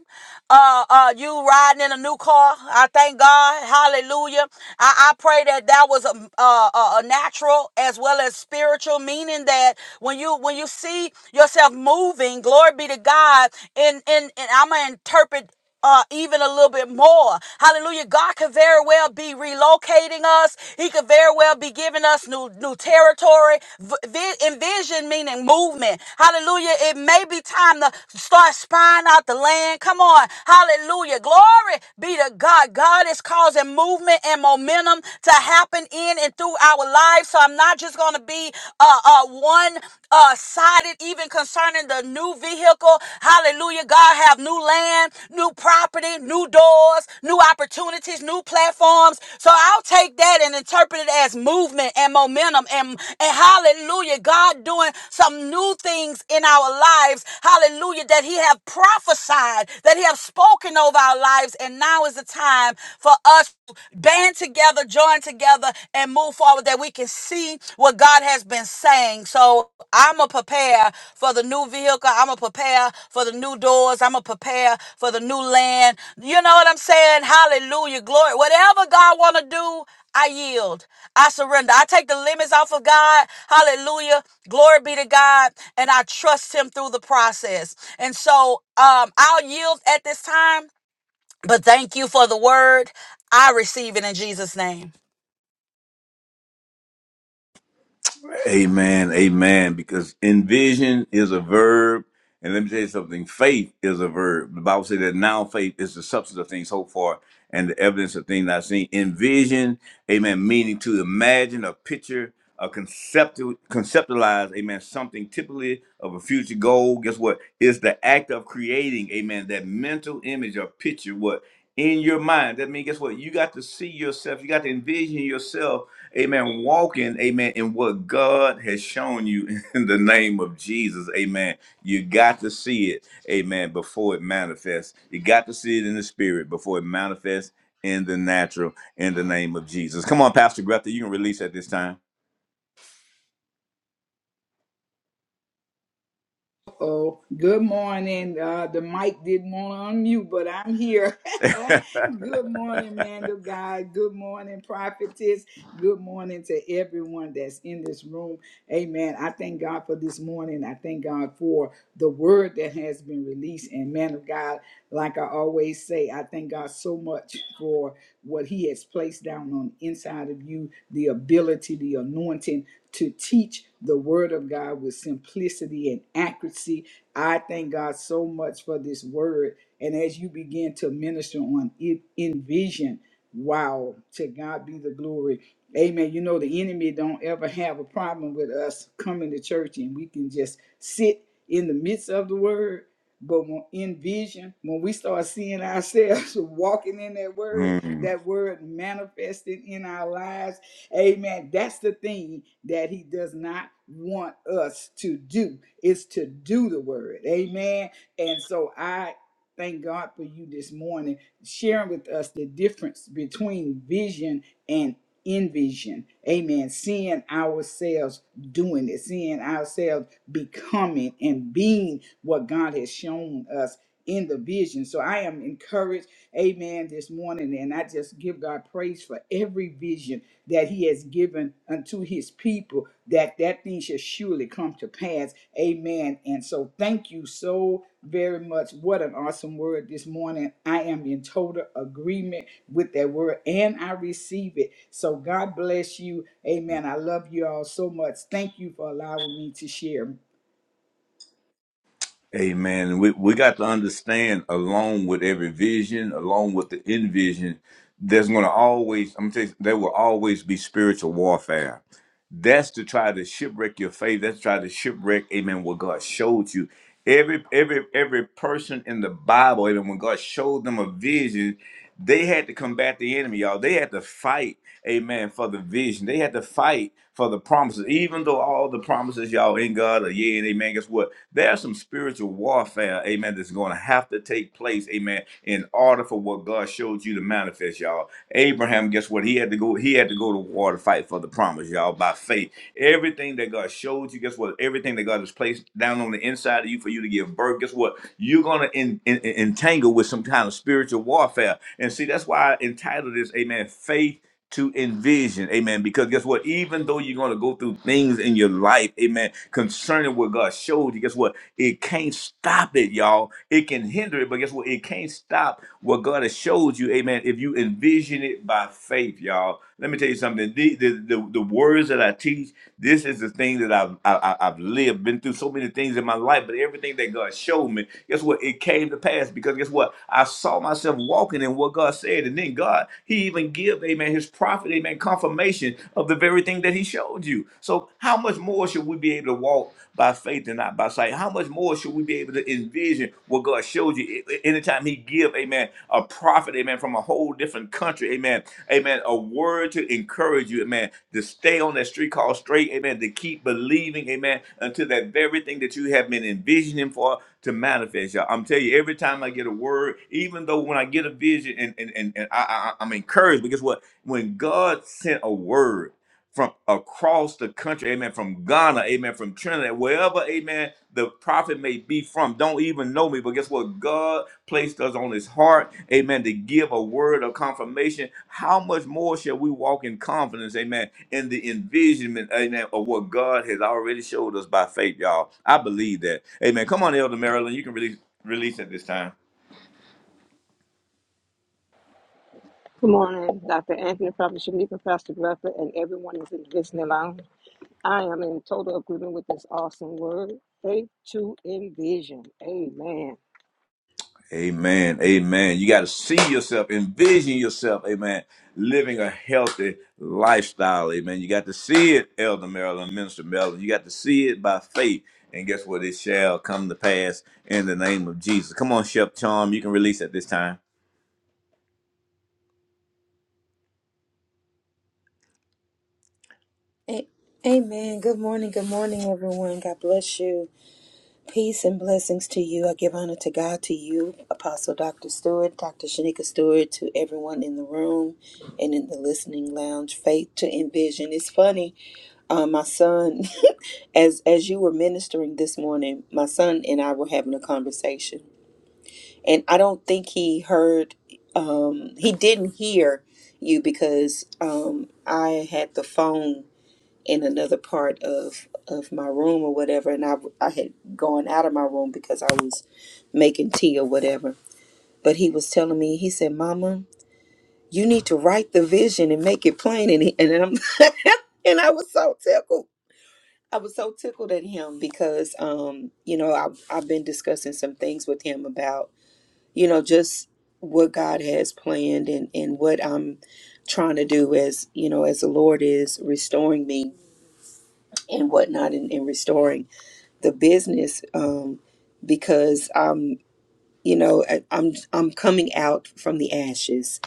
S2: Uh, uh, you riding in a new car. I thank God. Hallelujah. I, I pray that that was a, a, a natural as well as spiritual meaning that when you when you see yourself moving, glory be to God. And and, and I'm gonna interpret uh, even a little bit more. Hallelujah. God could very well be relocating us. He could very well be giving us new new territory. V- vi- envision meaning movement. Hallelujah. It may be time to start spying out the land. Come on. Hallelujah. Glory be to God. God is causing movement and momentum to happen in and through our lives. So I'm not just going to be be uh, uh, one uh, sided, even concerning the new vehicle. Hallelujah. God have new land, new property, new doors, new opportunities, new platforms. So I'll take that and interpret it as movement and momentum and, and hallelujah. God doing some new things in our lives. Hallelujah. That he have prophesied, that he have spoken over our lives lives. And now is the time for us to band together, join together, and move forward that we can see what God has been saying. So I'm going to prepare for the new vehicle. I'm going to prepare for the new doors. I'm going to prepare for the new land. You know what I'm saying? Hallelujah. Glory. Whatever God want to do, I yield. I surrender. I take the limits off of God. Hallelujah. Glory be to God. And I trust him through the process. And so um, I'll yield at this time. But thank you for the word. I receive it in Jesus' name.
S1: Amen. Amen. Because envision is a verb. And let me tell you something. Faith is a verb. The Bible says that now faith is the substance of things hoped for and the evidence of things not seen. Envision, amen, meaning to imagine a picture, a conceptual, conceptualize, amen, something typically of a future goal. Guess what? It's the act of creating, amen, that mental image or picture. What? in your mind. That means, guess what? You got to see yourself. You got to envision yourself, amen, walking, amen, in what God has shown you in the name of Jesus, amen. You got to see it, amen, before it manifests. You got to see it in the spirit before it manifests in the natural, in the name of Jesus. Come on, Pastor Greta, you can release at this time.
S3: Oh, good morning. Uh, the mic didn't want to unmute, but I'm here. good morning, man of God. Good morning, prophetess. Good morning to everyone that's in this room. Amen. I thank God for this morning. I thank God for the word that has been released. And man of God, like I always say, I thank God so much for what He has placed down on the inside of you, the ability, the anointing to teach the word of God with simplicity and accuracy. I thank God so much for this word. And as you begin to minister on it, envision, wow, to God be the glory. Amen. You know, the enemy don't ever have a problem with us coming to church and we can just sit in the midst of the word. But when, in vision, when we start seeing ourselves walking in that word,
S1: Hmm.
S3: that word manifested in our lives, Amen. That's the thing that he does not want us to do is to do the word. Amen. And so I thank God for you this morning sharing with us the difference between vision and envision. Amen. Seeing ourselves doing it, seeing ourselves becoming and being what God has shown us in the vision. So I am encouraged, amen, this morning. And I just give God praise for every vision that he has given unto his people, that that thing shall surely come to pass. Amen. And so thank you so very much. What an awesome word this morning. I am in total agreement with that word and I receive it. So God bless you. Amen. I love you all so much. Thank you for allowing me to share.
S1: Amen. We we got to understand, along with every vision, along with the envision, there's going to always. I'm telling you, there will always be spiritual warfare. That's to try to shipwreck your faith. That's to try to shipwreck, amen, what God showed you. Every every every person in the Bible, amen, when God showed them a vision, they had to combat the enemy, y'all. They had to fight, amen, for the vision. They had to fight for the promises. Even though all the promises, y'all, in God are yeah and amen, guess what? There's some spiritual warfare, amen, that's going to have to take place, amen, in order for what God showed you to manifest, y'all. Abraham, guess what? He had to go. He had to go to war to fight for the promise, y'all. By faith, everything that God showed you, guess what? Everything that God has placed down on the inside of you for you to give birth, guess what? You're gonna en- en- entangle with some kind of spiritual warfare. And see, that's why I entitled this, Amen. Faith to envision. Amen. Because guess what? Even though you're going to go through things in your life, amen, concerning what God showed you, guess what? It can't stop it, y'all. It can hinder it, but guess what? It can't stop what God has showed you, amen, if you envision it by faith, y'all. Let me tell you something. The, the, the, the words that I teach, this is the thing that I've, I, I- I've lived lived, been through so many things in my life, but everything that God showed me, guess what? It came to pass because guess what? I saw myself walking in what God said. And then God, He even give, amen, His prophet, amen, confirmation of the very thing that He showed you. So how much more should we be able to walk by faith and not by sight? How much more should we be able to envision what God showed you A- a- anytime He give, give, amen, a prophet, amen, from a whole different country, amen, amen, a word to encourage you, amen, to stay on that street called straight, amen, to keep believing, amen, until that very thing that you have been envisioning for to manifest. Y'all. I'm telling you, every time I get a word, even though when I get a vision and, and, and, and I, I, I'm encouraged, But guess what? When God sent a word, from across the country, amen, from Ghana, amen, from Trinidad, wherever, amen, the prophet may be from, don't even know me, but guess what? God placed us on his heart, amen, to give a word of confirmation. How much more shall we walk in confidence, amen, in the envisionment, amen, of what God has already showed us by faith, y'all. I believe that. Amen. Come on, Elder Marilyn, you can release, release at this time.
S4: Good morning, Dr. Anthony, Prophet Shanika, Pastor Blufford, and everyone is in listening lounge. I am in total agreement with this awesome word. Faith to envision. Amen.
S1: Amen. Amen. You got to see yourself, envision yourself, amen, living a healthy lifestyle. Amen. You got to see it, Elder Marilyn, Minister Marilyn. You got to see it by faith. And guess what? It shall come to pass in the name of Jesus. Come on, Chef Charm. You can release at this time.
S5: A- Amen. Good morning. Good morning, everyone. God bless you. Peace and blessings to you. I give honor to God, to you, Apostle Dr. Stewart, Dr. Shanika Stewart, to everyone in the room and in the listening lounge. Faith to envision. It's funny. Uh, my son, as as you were ministering this morning, my son and I were having a conversation, and I don't think he heard. Um, he didn't hear you because um, I had the phone in another part of of my room or whatever and I I had gone out of my room because I was making tea or whatever but he was telling me he said mama you need to write the vision and make it plain and he, and I'm and I was so tickled I was so tickled at him because um you know I I've been discussing some things with him about you know just what God has planned and and what I'm trying to do as you know as the Lord is restoring me and whatnot and, and restoring the business um, because I'm, you know, I- I'm I'm coming out from the ashes,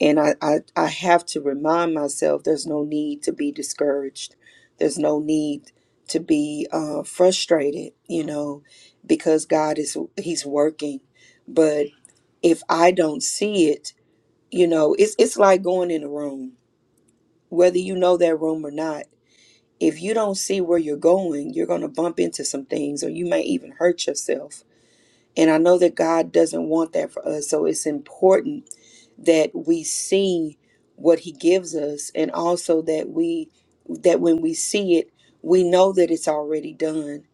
S5: and I, I I have to remind myself there's no need to be discouraged, there's no need to be uh, frustrated, you know, because God is He's working, but if I don't see it, you know, it's it's like going in a room, whether you know that room or not. If you don't see where you're going, you're going to bump into some things, or you may even hurt yourself and I know that God doesn't want that for us. So it's important that we see what he gives us and also that we that when we see it, we know that it's already done.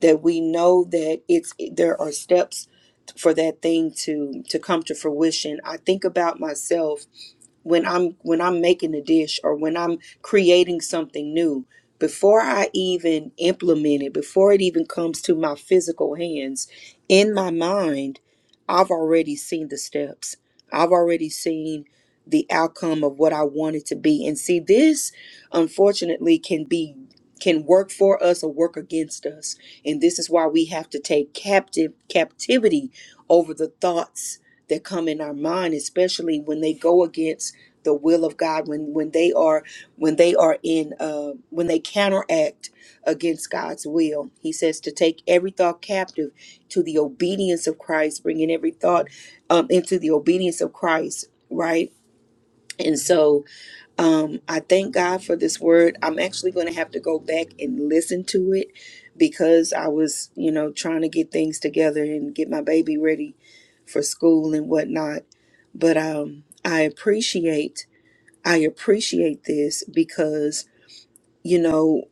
S5: That we know that it's there are steps for that thing to to come to fruition. I think about myself when I'm when I'm making a dish or when I'm creating something new, before I even implement it, before it even comes to my physical hands, in my mind, I've already seen the steps. I've already seen the outcome of what I want it to be. And see, this unfortunately can be can work for us or work against us. And this is why we have to take captive captivity over the thoughts that come in our mind, especially when they go against the will of God when when they are when they are in uh, when they counteract against God's will. He says to take every thought captive to the obedience of Christ, bringing every thought um, into the obedience of Christ, right? And so um, I thank God for this word. I'm actually going to have to go back and listen to it because I was, you know, trying to get things together and get my baby ready for school and whatnot. But um, I appreciate I appreciate this because, you know,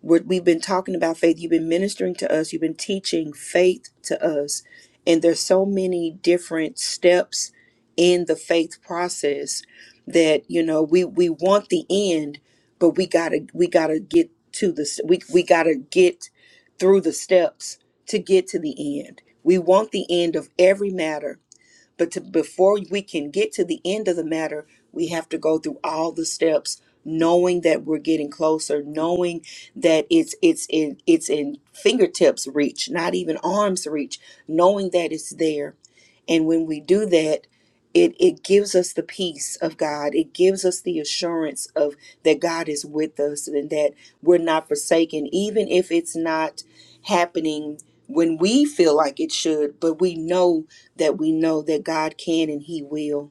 S5: what we've been talking about faith, you've been ministering to us, you've been teaching faith to us, and there's so many different steps in the faith process that, you know, we we want the end, but we got to we got to get to the we we got to get through the steps to get to the end. We want the end of every matter but to, before we can get to the end of the matter, we have to go through all the steps, knowing that we're getting closer, knowing that it's it's in it's in fingertips reach, not even arms reach, knowing that it's there. And when we do that, it it gives us the peace of God. It gives us the assurance of that God is with us and that we're not forsaken, even if it's not happening when we feel like it should, but we know that we know that God can and He will.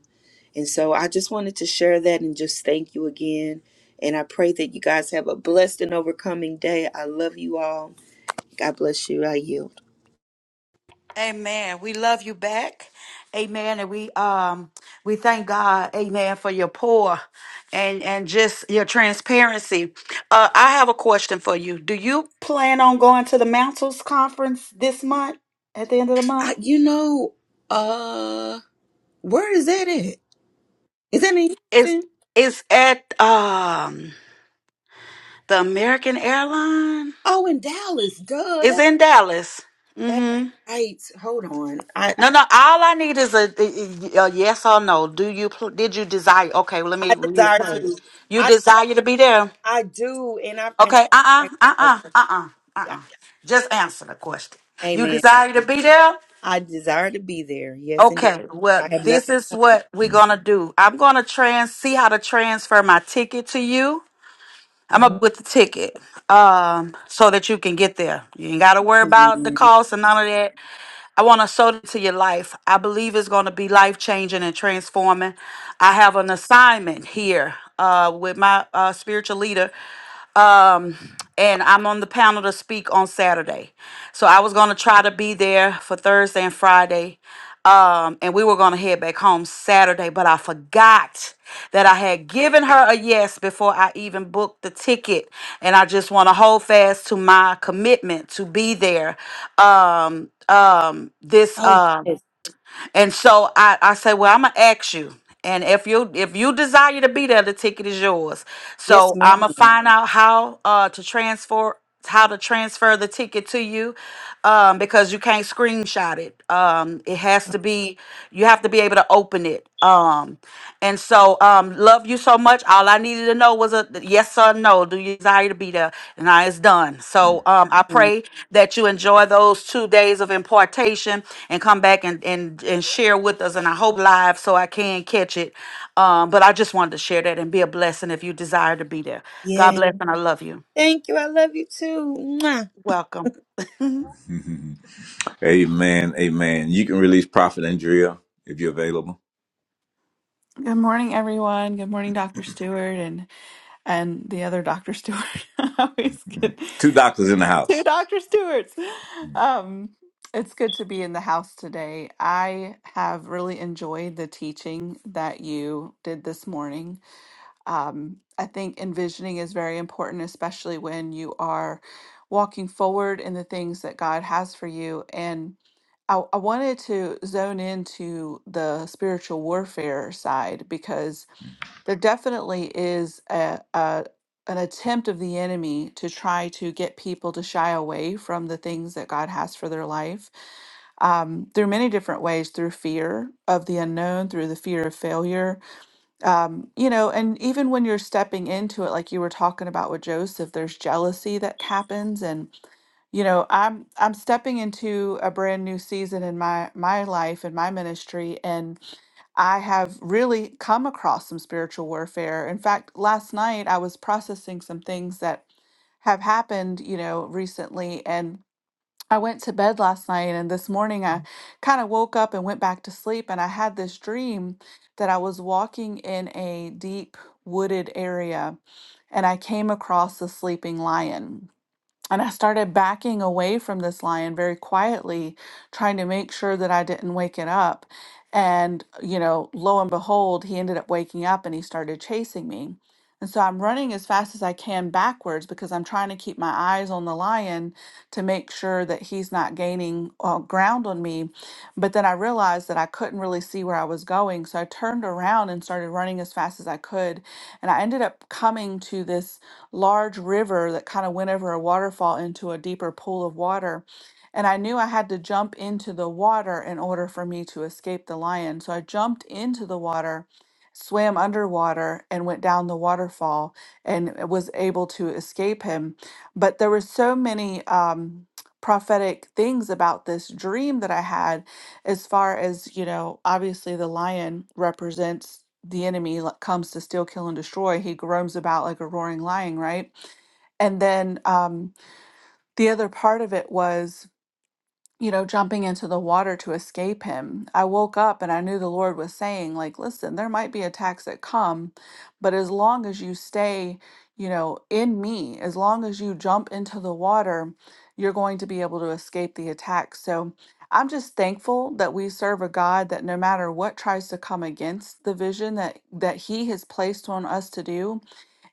S5: And so I just wanted to share that and just thank you again. And I pray that you guys have a blessed and overcoming day. I love you all. God bless you. I yield.
S2: Amen. We love you back. Amen. And we um we thank God, Amen, for your pour and and just your transparency. Uh I have a question for you. Do you plan on going to the Mantles conference this month at the end of the month?
S5: I, you know, uh, where is that at? Is that in
S2: It's
S5: Houston?
S2: it's at um the American Airline.
S5: Oh, in Dallas. Duh,
S2: It's
S5: that
S2: in Dallas.
S5: that
S2: Mm-hmm.
S5: right. Hold on. I
S2: No, no. All I need is a, a yes or no. Do you pl- did you desire? Okay, well, let me
S5: I desire
S2: rephrase.
S5: to.
S2: You
S5: I
S2: desire to be there?
S5: I do, and I and
S2: Okay. Uh uh-uh,
S5: I,
S2: uh
S5: okay.
S2: uh uh uh uh
S5: yeah,
S2: uh. uh. Just answer the question. You
S5: Amen.
S2: desire to be there?
S5: I desire to be there. Yes, indeed.
S2: Okay. Well,
S5: I have
S2: this
S5: nothing
S2: is
S5: planned.
S2: what we're gonna do. I'm gonna trans see how to transfer my ticket to you. I'm up
S5: Mhm.
S2: with the ticket, um, so that you can get there. You ain't gotta worry about the
S5: Amen.
S2: cost and none of that. I want to sow it to your life. I believe it's going to be life changing and transforming. I have an assignment here uh, with my uh, spiritual leader um, and I'm on the panel to speak on Saturday. So I was gonna try to be there for Thursday and Friday, um, and we were gonna head back home Saturday, but I forgot that I had given her a yes before I even booked the ticket, and I just want to hold fast to my commitment to be there um, um, this
S5: Oh,
S2: um,
S5: yes.
S2: and so I, I say, well, I'm gonna ask you. And if you if you desire to be there, the ticket is yours.
S5: Yes,
S2: So
S5: ma'am.
S2: I'm gonna find out how uh to transfer how to transfer the ticket to you um because you can't screenshot it um it has
S5: Oh,
S2: to be you have to be able to open it. Um, and so um, love you so much. All I needed to know was a yes or no. Do you desire to be there? And I it's done. So um, I pray that you enjoy those two days of impartation and come back and and and share with us. And I hope live so I can catch it. Um, but I just wanted to share that and be a blessing if you desire to be there. God
S5: Yes.
S2: bless and I love you.
S5: Thank you. I love you too. Mwah.
S2: Welcome.
S1: amen. Amen. You can release Prophet Andrea if you're available.
S6: Good morning, everyone. Good morning, Dr. Stewart and and the other Dr. Stewart. I always get
S1: Two doctors in the
S6: two
S1: house.
S6: Dr. Stewarts. Um, it's good to be in the house today. I have really enjoyed the teaching that you did this morning. Um, I think envisioning is very important, especially when you are walking forward in the things that God has for you. And I, I wanted to zone into the spiritual warfare side because there definitely is a, a an attempt of the enemy to try to get people to shy away from the things that God has for their life um, through many different ways through fear of the unknown, through the fear of failure, um, you know, and even when you're stepping into it, like you were talking about with Joseph, there's jealousy that happens and you know i'm i'm stepping into a brand new season in my my life and my ministry and i have really come across some spiritual warfare in fact last night i was processing some things that have happened you know recently and. I went to bed last night and this morning I kind of woke up and went back to sleep and I had this dream that I was walking in a deep wooded area and I came across a sleeping lion. And I started backing away from this lion very quietly, trying to make sure that I didn't wake it up. And, you know, lo and behold, he ended up waking up and he started chasing me. And so I'm running as fast as I can backwards because I'm trying to keep my eyes on the lion to make sure that he's not gaining uh, ground on me. But then I realized that I couldn't really see where I was going. So I turned around and started running as fast as I could. And I ended up coming to this large river that kind of went over a waterfall into a deeper pool of water. And I knew I had to jump into the water in order for me to escape the lion. So I jumped into the water, swam underwater, and went down the waterfall and was able to escape him. But there were so many um, prophetic things about this dream that I had as far as you know obviously the lion represents the enemy like, comes to steal kill and destroy he roams about like a roaring lion right and then um, the other part of it was you know, jumping into the water to escape him. I woke up and I knew the Lord was saying, like, listen, there might be attacks that come, but as long as you stay, you know, in me, as long as you jump into the water, you're going to be able to escape the attack. So I'm just thankful that we serve a God that no matter what tries to come against the vision that that he has placed on us to do,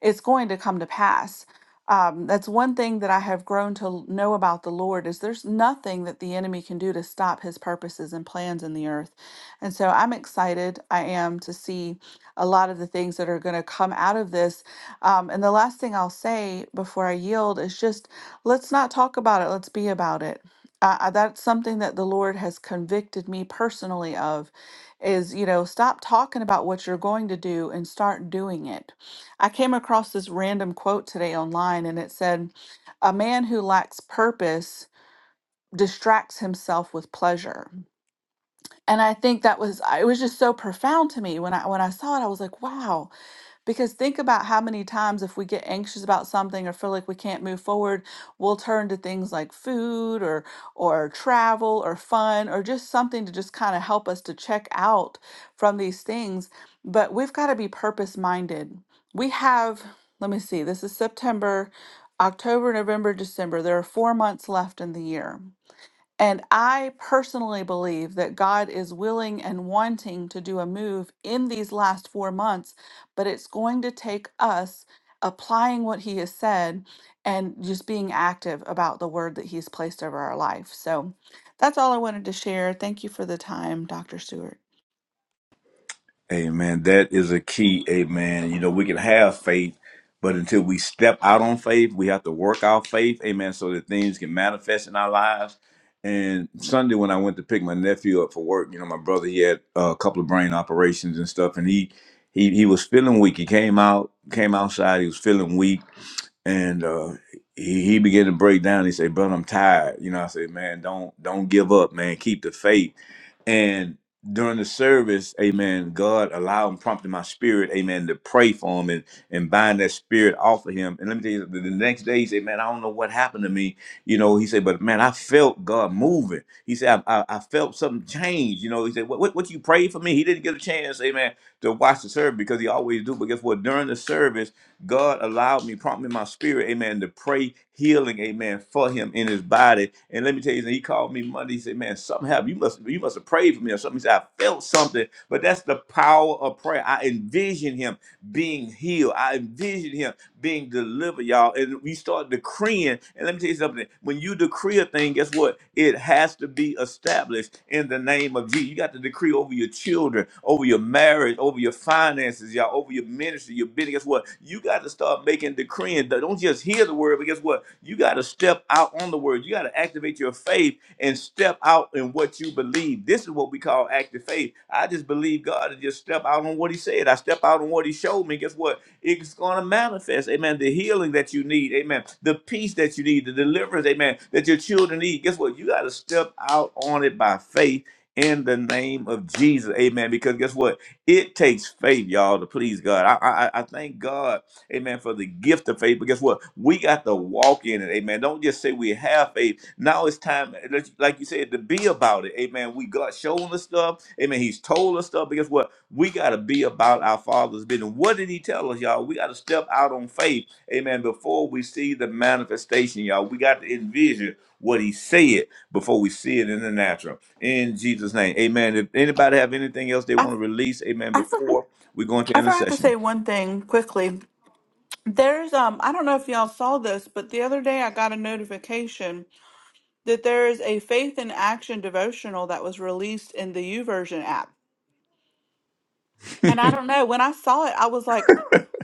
S6: it's going to come to pass um, that's one thing that I have grown to know about the Lord is there's nothing that the enemy can do to stop his purposes and plans in the earth. And so I'm excited. I am to see a lot of the things that are going to come out of this. Um, and the last thing I'll say before I yield is just let's not talk about it. Let's be about it. Uh, uh, that's something that the Lord has convicted me personally of is, you know, stop talking about what you're going to do and start doing it I came across this random quote today online, and it said, A man who lacks purpose distracts himself with pleasure. And I think that was, it was just so profound to me when I, when I saw it, I was like, wow, because think about how many times, if we get anxious about something or feel like we can't move forward, we'll turn to things like food or or travel or fun or just something to just kind of help us to check out from these things. But we've got to be purpose minded. We have, let me see, this is September, October, November, December. There are four months left in the year. And I personally believe that God is willing and wanting to do a move in these last four months, but it's going to take us applying what He has said and just being active about the word that He's placed over our life. So that's all I wanted to share. Thank you for the time, Dr. Stewart.
S1: Amen. That is a key. Amen. You know, we can have faith, but until we step out on faith, we have to work our faith. Amen. So that things can manifest in our lives. And Sunday, when I went to pick my nephew up for work, you know, my brother he had uh, a couple of brain operations and stuff, and he he he was feeling weak. He came out came outside. He was feeling weak and uh, he, he began to break down. He said, "But I'm tired." You know, I said, "Man, don't don't give up, man. Keep the faith." And during the service, Amen. God allowed and prompted my spirit, Amen, to pray for him and and bind that spirit off of him. And let me tell you, the the next day he said, "Man, I don't know what happened to me." You know, he said, "But man, I felt God moving." He said, "I, I, I felt something change." You know, he said, "What what what you prayed for me?" He didn't get a chance, Amen, to watch the service because he always do. But guess what? During the service God allowed me, prompted me in my spirit, amen, to pray healing, amen, for him in his body. And let me tell you, he called me Monday. He said, "Man, something happened. You must, you must have prayed for me or something." He said, "I felt something, but that's the power of prayer. I envisioned him being healed. I envision him being delivered, y'all. And we start decreeing. And let me tell you something. When you decree a thing, guess what? It has to be established in the name of Jesus. You got to decree over your children, over your marriage, over your finances, y'all, over your ministry, your business. Guess what? You got to start making decreeing. Don't just hear the word, but guess what? You got to step out on the word. You got to activate your faith and step out in what you believe. This is what we call active faith. I just believe God and just step out on what He said. I step out on what He showed me. Guess what? It's going to manifest. Amen. The healing that you need. Amen. The peace that you need. The deliverance. Amen. That your children need. Guess what? You got to step out on it by faith in the name of Jesus. Amen. Because guess what? It takes faith, y'all, to please God. I, I, I I thank God amen, for the gift of faith. But guess what? We got to walk in it, amen. Don't just say we have faith. Now it's time, like like you said, to be about it. Amen. We got shown us stuff. Amen. He's told us stuff. But guess what? We got to be about our Father's business. What did He tell us, y'all? We got to step out on faith. Amen. Before we see the manifestation, y'all, we got to envision what He said before we see it in the natural. In Jesus' name, Amen. If anybody have anything else they
S6: I,
S1: want to release, Amen.
S6: I, forgot,
S1: Before we go into
S6: I forgot to
S1: intercession.
S6: say one thing quickly. There's, um, I don't know if y'all saw this, but the other day I got a notification that there is a faith in action devotional that was released in the YouVersion app. And I don't know, when I saw it, I was like,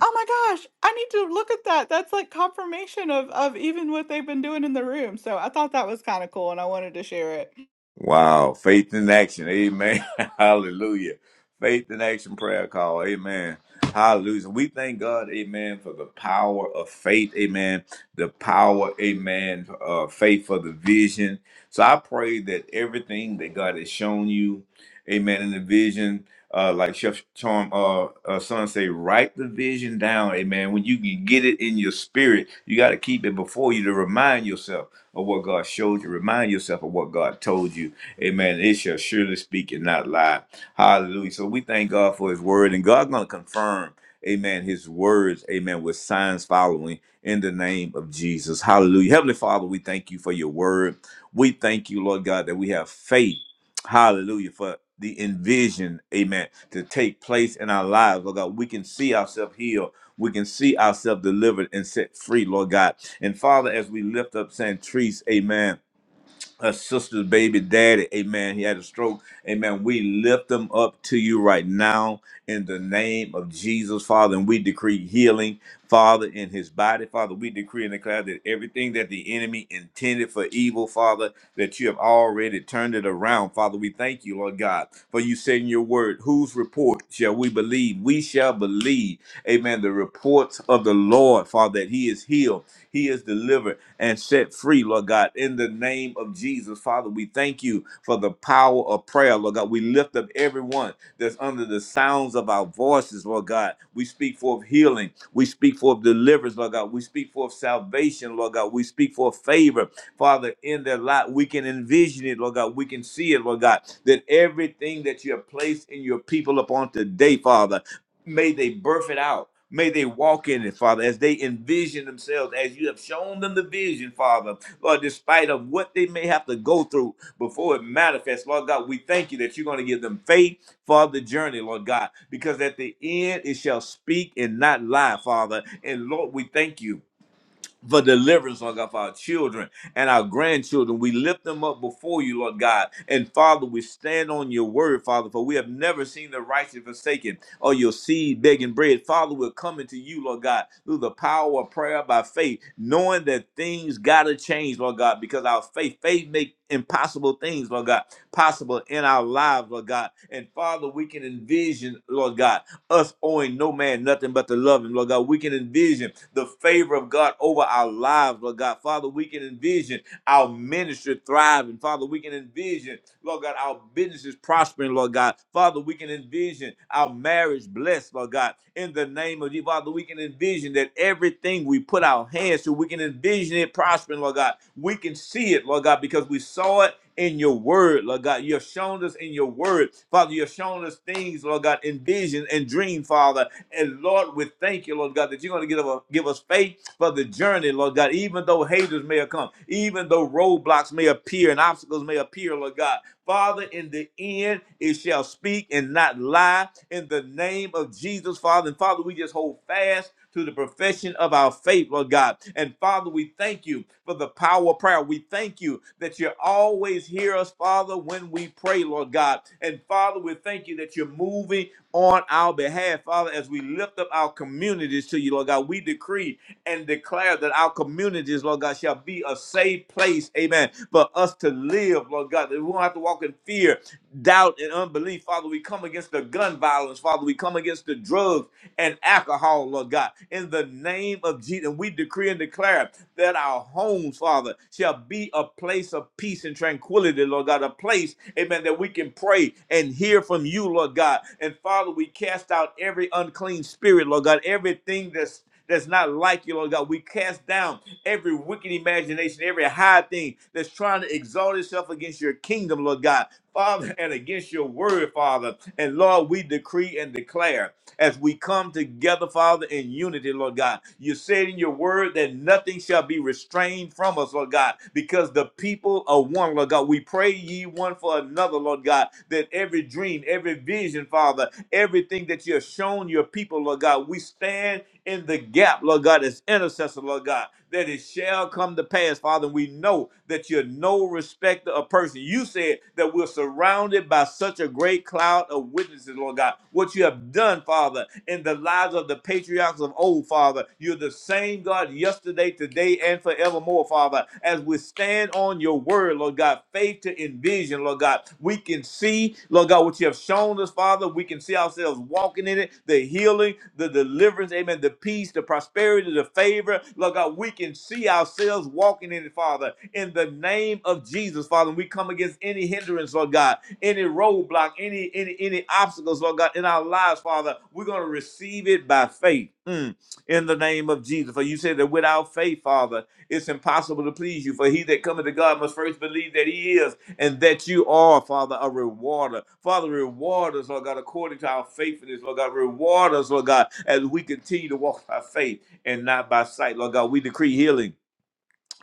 S6: oh my gosh, I need to look at that. That's like confirmation of, of even what they've been doing in the room. So I thought that was kind of cool and I wanted to share it.
S1: Wow. Faith in action. Amen. Hallelujah. Faith in action prayer call. Amen. Hallelujah. We thank God, amen, for the power of faith. Amen. The power, amen, uh, faith for the vision. So I pray that everything that God has shown you, amen, in the vision, uh, like Chef Charm, uh, uh, son say, write the vision down, amen. When you can get it in your spirit, you got to keep it before you to remind yourself of what God showed you. Remind yourself of what God told you. Amen. It shall surely speak and not lie. Hallelujah. So we thank God for his word and God's going to confirm, amen, his words, amen, with signs following in the name of Jesus. Hallelujah. Heavenly Father, we thank you for your word. We thank you, Lord God, that we have faith. Hallelujah. For the envision, amen, to take place in our lives. Lord God, we can see ourselves here we can see ourselves delivered and set free, Lord God. And Father, as we lift up Santrice, amen her sister's baby daddy. Amen. He had a stroke. Amen. We lift them up to you right now in the name of Jesus, Father. And we decree healing, Father, in his body. Father, we decree and declare that everything that the enemy intended for evil, Father, that you have already turned it around. Father, we thank you, Lord God, for you saying your word. Whose report shall we believe? We shall believe, amen, the reports of the Lord, Father, that he is healed he is delivered and set free, Lord God, in the name of Jesus. Father, we thank you for the power of prayer, Lord God. We lift up everyone that's under the sounds of our voices, Lord God. We speak forth healing. We speak forth deliverance, Lord God. We speak forth salvation, Lord God. We speak forth favor, Father, in their life. We can envision it, Lord God. We can see it, Lord God, that everything that you have placed in your people upon today, Father. May they birth it out. May they walk in it, Father, as they envision themselves, as you have shown them the vision, Father, Lord, despite of what they may have to go through before it manifests. Lord God, we thank you that you're going to give them faith for the journey, Lord God, because at the end it shall speak and not lie, Father. And Lord, we thank you for deliverance, Lord God, for our children and our grandchildren. We lift them up before you, Lord God. And Father, we stand on your word, Father, for we have never seen the righteous forsaken or your seed begging bread. Father, we're coming to you, Lord God, through the power of prayer by faith, knowing that things gotta change, Lord God, because our faith, faith make impossible things, Lord God, possible in our lives, Lord God. And Father, we can envision, Lord God us owing no man nothing but to love him, Lord God. We can envision the favor of God over our lives, Lord God. Father, we can envision our ministry thriving. Father, we can envision, Lord God, our businesses prospering, Lord God. Father, we can envision our marriage blessed, Lord God. In the name of you, Father, we can envision that everything we put our hands to, we can envision it prospering, Lord God. We can see it, Lord God, because we saw it in your word, Lord God. You have shown us in your word, Father. You have shown us things, Lord God, in vision and dream, Father. And Lord, we thank you, Lord God, that you're going to give us, give us faith for the journey, Lord God. Even though haters may have come, even though roadblocks may appear and obstacles may appear, Lord God. Father, in the end, it shall speak and not lie in the name of Jesus, Father. And Father, we just hold fast to the profession of our faith, Lord God. And Father, we thank you for the power of prayer. We thank you that you always hear us, Father, when we pray, Lord God. And Father, we thank you that you're moving on our behalf, Father, as we lift up our communities to you, Lord God. We decree and declare that our communities, Lord God, shall be a safe place, amen, for us to live, Lord God, that we won't have to walk in fear doubt and unbelief. Father, we come against the gun violence. Father, we come against the drugs and alcohol, Lord God. In the name of Jesus, and we decree and declare that our homes, Father, shall be a place of peace and tranquility, Lord God. A place, amen, that we can pray and hear from you, Lord God. And Father, we cast out every unclean spirit, Lord God, everything that's that's not like you, Lord God. We cast down every wicked imagination, every high thing that's trying to exalt itself against your kingdom, Lord God, Father, and against your word, Father. And Lord, we decree and declare as we come together, Father, in unity, Lord God. You said in your word that nothing shall be restrained from us, Lord God, because the people are one, Lord God. We pray ye one for another, Lord God, that every dream, every vision, Father, everything that you have shown your people, Lord God, we stand in the gap, Lord God, as intercessor, Lord God that it shall come to pass, Father. And We know that you're no respecter of person. You said that we're surrounded by such a great cloud of witnesses, Lord God. What you have done, Father, in the lives of the patriarchs of old, Father, you're the same God yesterday, today, and forevermore, Father. As we stand on your word, Lord God, faith to envision, Lord God, we can can see, Lord God, what you have shown us, Father. We can see ourselves walking in it, the healing, the deliverance, amen, the peace, the prosperity, the favor. Lord God, we can see ourselves walking in it, Father, in the name of Jesus, Father. We come against any hindrance, Lord God, any roadblock, any any any obstacles, Lord God, in our lives, Father. We're gonna receive it by faith. Mm. In the name of Jesus. For you said that without faith, Father, it's impossible to please you. For he that cometh to God must first believe that he is and that you are, Father, a rewarder. Father, reward us, Lord God, according to our faithfulness, Lord God. Reward us, Lord God, as we continue to walk by faith and not by sight, Lord God. We decree healing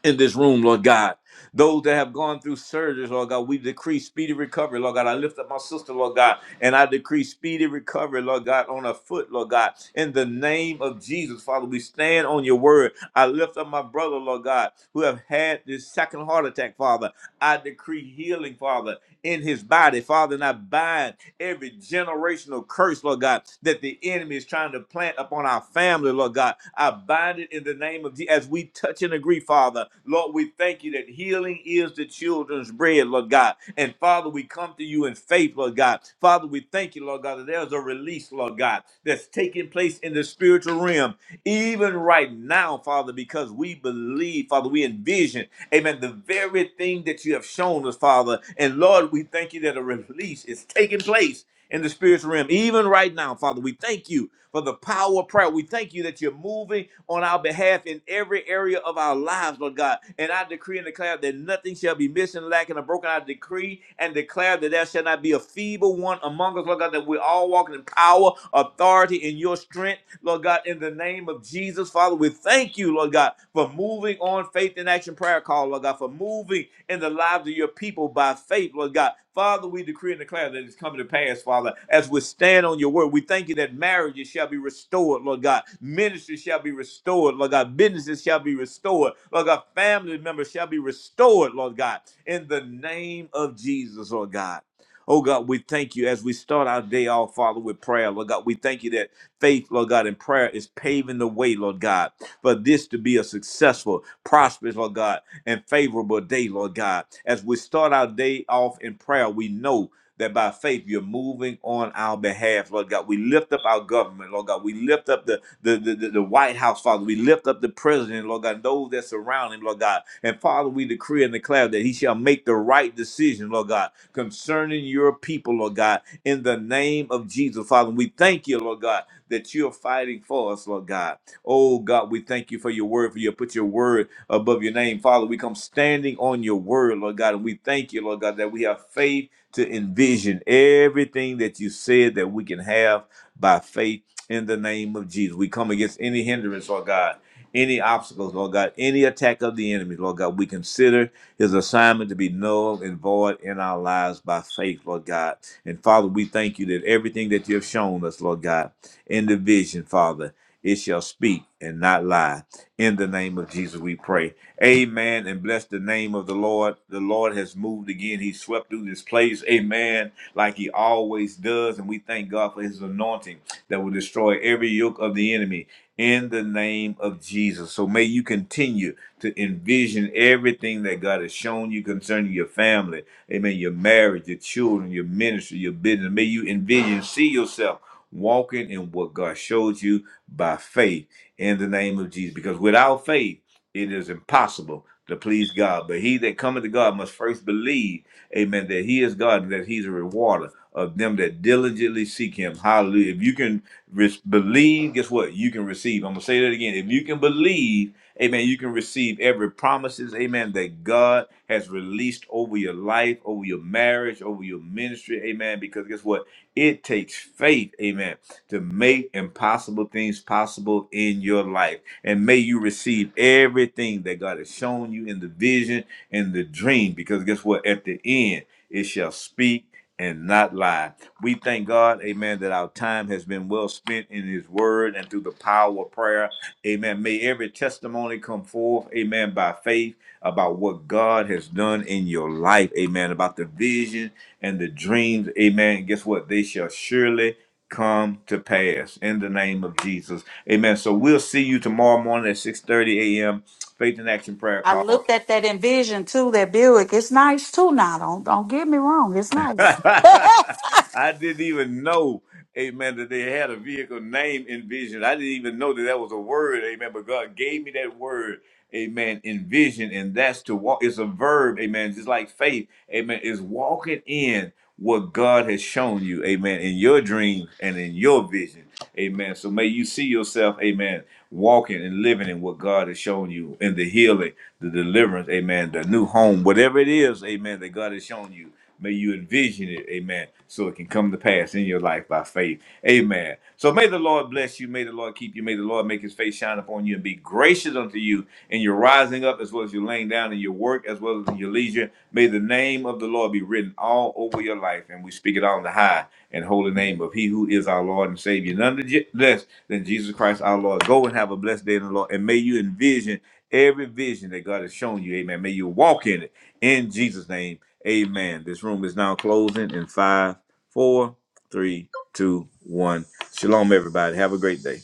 S1: in this room, Lord God. Those that have gone through surgeries, Lord God, we decree speedy recovery, Lord God. I lift up my sister, Lord God, and I decree speedy recovery, Lord God, on her foot, Lord God. In the name of Jesus, Father, we stand on your word. I lift up my brother, Lord God, who have had this second heart attack, Father. I decree healing, Father, in his body, Father, and I bind every generational curse, Lord God, that the enemy is trying to plant upon our family, Lord God. I bind it in the name of Jesus as we touch and agree, Father. Lord, we thank you that healing is the children's bread, Lord God. And Father, we come to you in faith, Lord God. Father, we thank you, Lord God, that there's a release, Lord God, that's taking place in the spiritual realm, even right now, Father, because we believe, Father, we envision Amen. The very thing that you have shown us, Father. And Lord, we thank you that a release is taking place in the spiritual realm, even right now, Father. We thank you for the power of prayer. We thank you that you're moving on our behalf in every area of our lives, Lord God. And I decree and declare that nothing shall be missing, lacking, or broken. I decree and declare that there shall not be a feeble one among us, Lord God, that we're all walking in power, authority, and your strength. Lord God, in the name of Jesus, Father, we thank you, Lord God, for moving on faith in action prayer call, Lord God, for moving in the lives of your people by faith, Lord God. Father, we decree and declare that it's coming to pass, Father, as we stand on your word. We thank you that marriages shall be restored, Lord God. Ministries shall be restored, Lord God. Businesses shall be restored, Lord God. Family members shall be restored, Lord God, in the name of Jesus, Lord God. Oh God, we thank you as we start our day off, Father, with prayer. Lord God, we thank you that. Faith, Lord God, and prayer is paving the way, Lord God, for this to be a successful, prosperous, Lord God, and favorable day, Lord God. As we start our day off in prayer, we know that by faith you're moving on our behalf, Lord God. We lift up our government, Lord God. We lift up the the, the, the, the White House, Father. We lift up the president, Lord God, and those that surround him, Lord God. And Father, we decree and declare that he shall make the right decision, Lord God, concerning your people, Lord God, in the name of Jesus, Father. We thank you, Lord God that you're fighting for us, Lord God. Oh God, we thank you for your word, for you put your word above your name, Father. We come standing on your word, Lord God, and we thank you, Lord God, that we have faith to envision everything that you said that we can have by faith in the name of Jesus. We come against any hindrance, Lord God. Any obstacles, Lord God, any attack of the enemy, Lord God, we consider his assignment to be null and void in our lives by faith, Lord God. And Father, we thank you that everything that you have shown us, Lord God in the vision, Father. It shall speak and not lie. In the name of Jesus, we pray. Amen. And bless the name of the Lord. The Lord has moved again. He swept through this place. Amen. Like he always does. And we thank God for his anointing that will destroy every yoke of the enemy in the name of Jesus. So may you continue to envision everything that God has shown you concerning your family. Amen. Your marriage, your children, your ministry, your business. May you envision, see yourself walking in what God showed you by faith in the name of Jesus. Because without faith, it is impossible to please God. But he that cometh to God must first believe, amen, that he is God and that he's a rewarder of them that diligently seek him. Hallelujah. If you can re- believe, guess what? You can receive. I'm going to say that again. If you can believe, amen, you can receive every promises, amen, that God has released over your life, over your marriage, over your ministry, amen, because guess what? It takes faith, amen, to make impossible things possible in your life. And may you receive everything that God has shown you in the vision and the dream, because guess what? At the end, it shall speak and not lie. We thank God, amen, that our time has been well spent in His Word and through the power of prayer. Amen. May every testimony come forth, amen, by faith about what God has done in your life, amen, about the vision and the dreams, amen. Guess what? They shall surely come to pass in the name of Jesus. Amen. So we'll see you tomorrow morning at 6:30 a.m. Faith in Action Prayer
S2: I
S1: Call.
S2: looked at that envision too, that Buick. It's nice too now. Don't don't get me wrong. It's nice.
S1: I didn't even know, amen, that they had a vehicle named Envision. I didn't even know that that was a word, amen, but God gave me that word, amen, Envision, and that's to walk. It's a verb, amen, just like faith, amen, is walking in what God has shown you, amen, in your dreams and in your vision, amen. So may you see yourself, amen, walking and living in what God has shown you in the healing, the deliverance, amen, the new home, whatever it is, amen, that God has shown you. May you envision it, amen, so it can come to pass in your life by faith, amen. So may the Lord bless you, may the Lord keep you, may the Lord make his face shine upon you and be gracious unto you in your rising up as well as your laying down in your work as well as in your leisure. May the name of the Lord be written all over your life, and we speak it on the high and holy name of He who is our Lord and Savior, none less than Jesus Christ our Lord. Go and have a blessed day in the Lord, and may you envision Every vision that God has shown you, amen. May you walk in it. In Jesus' name, amen. This room is now closing in five, four, three, two, one. Shalom, everybody. Have a great day.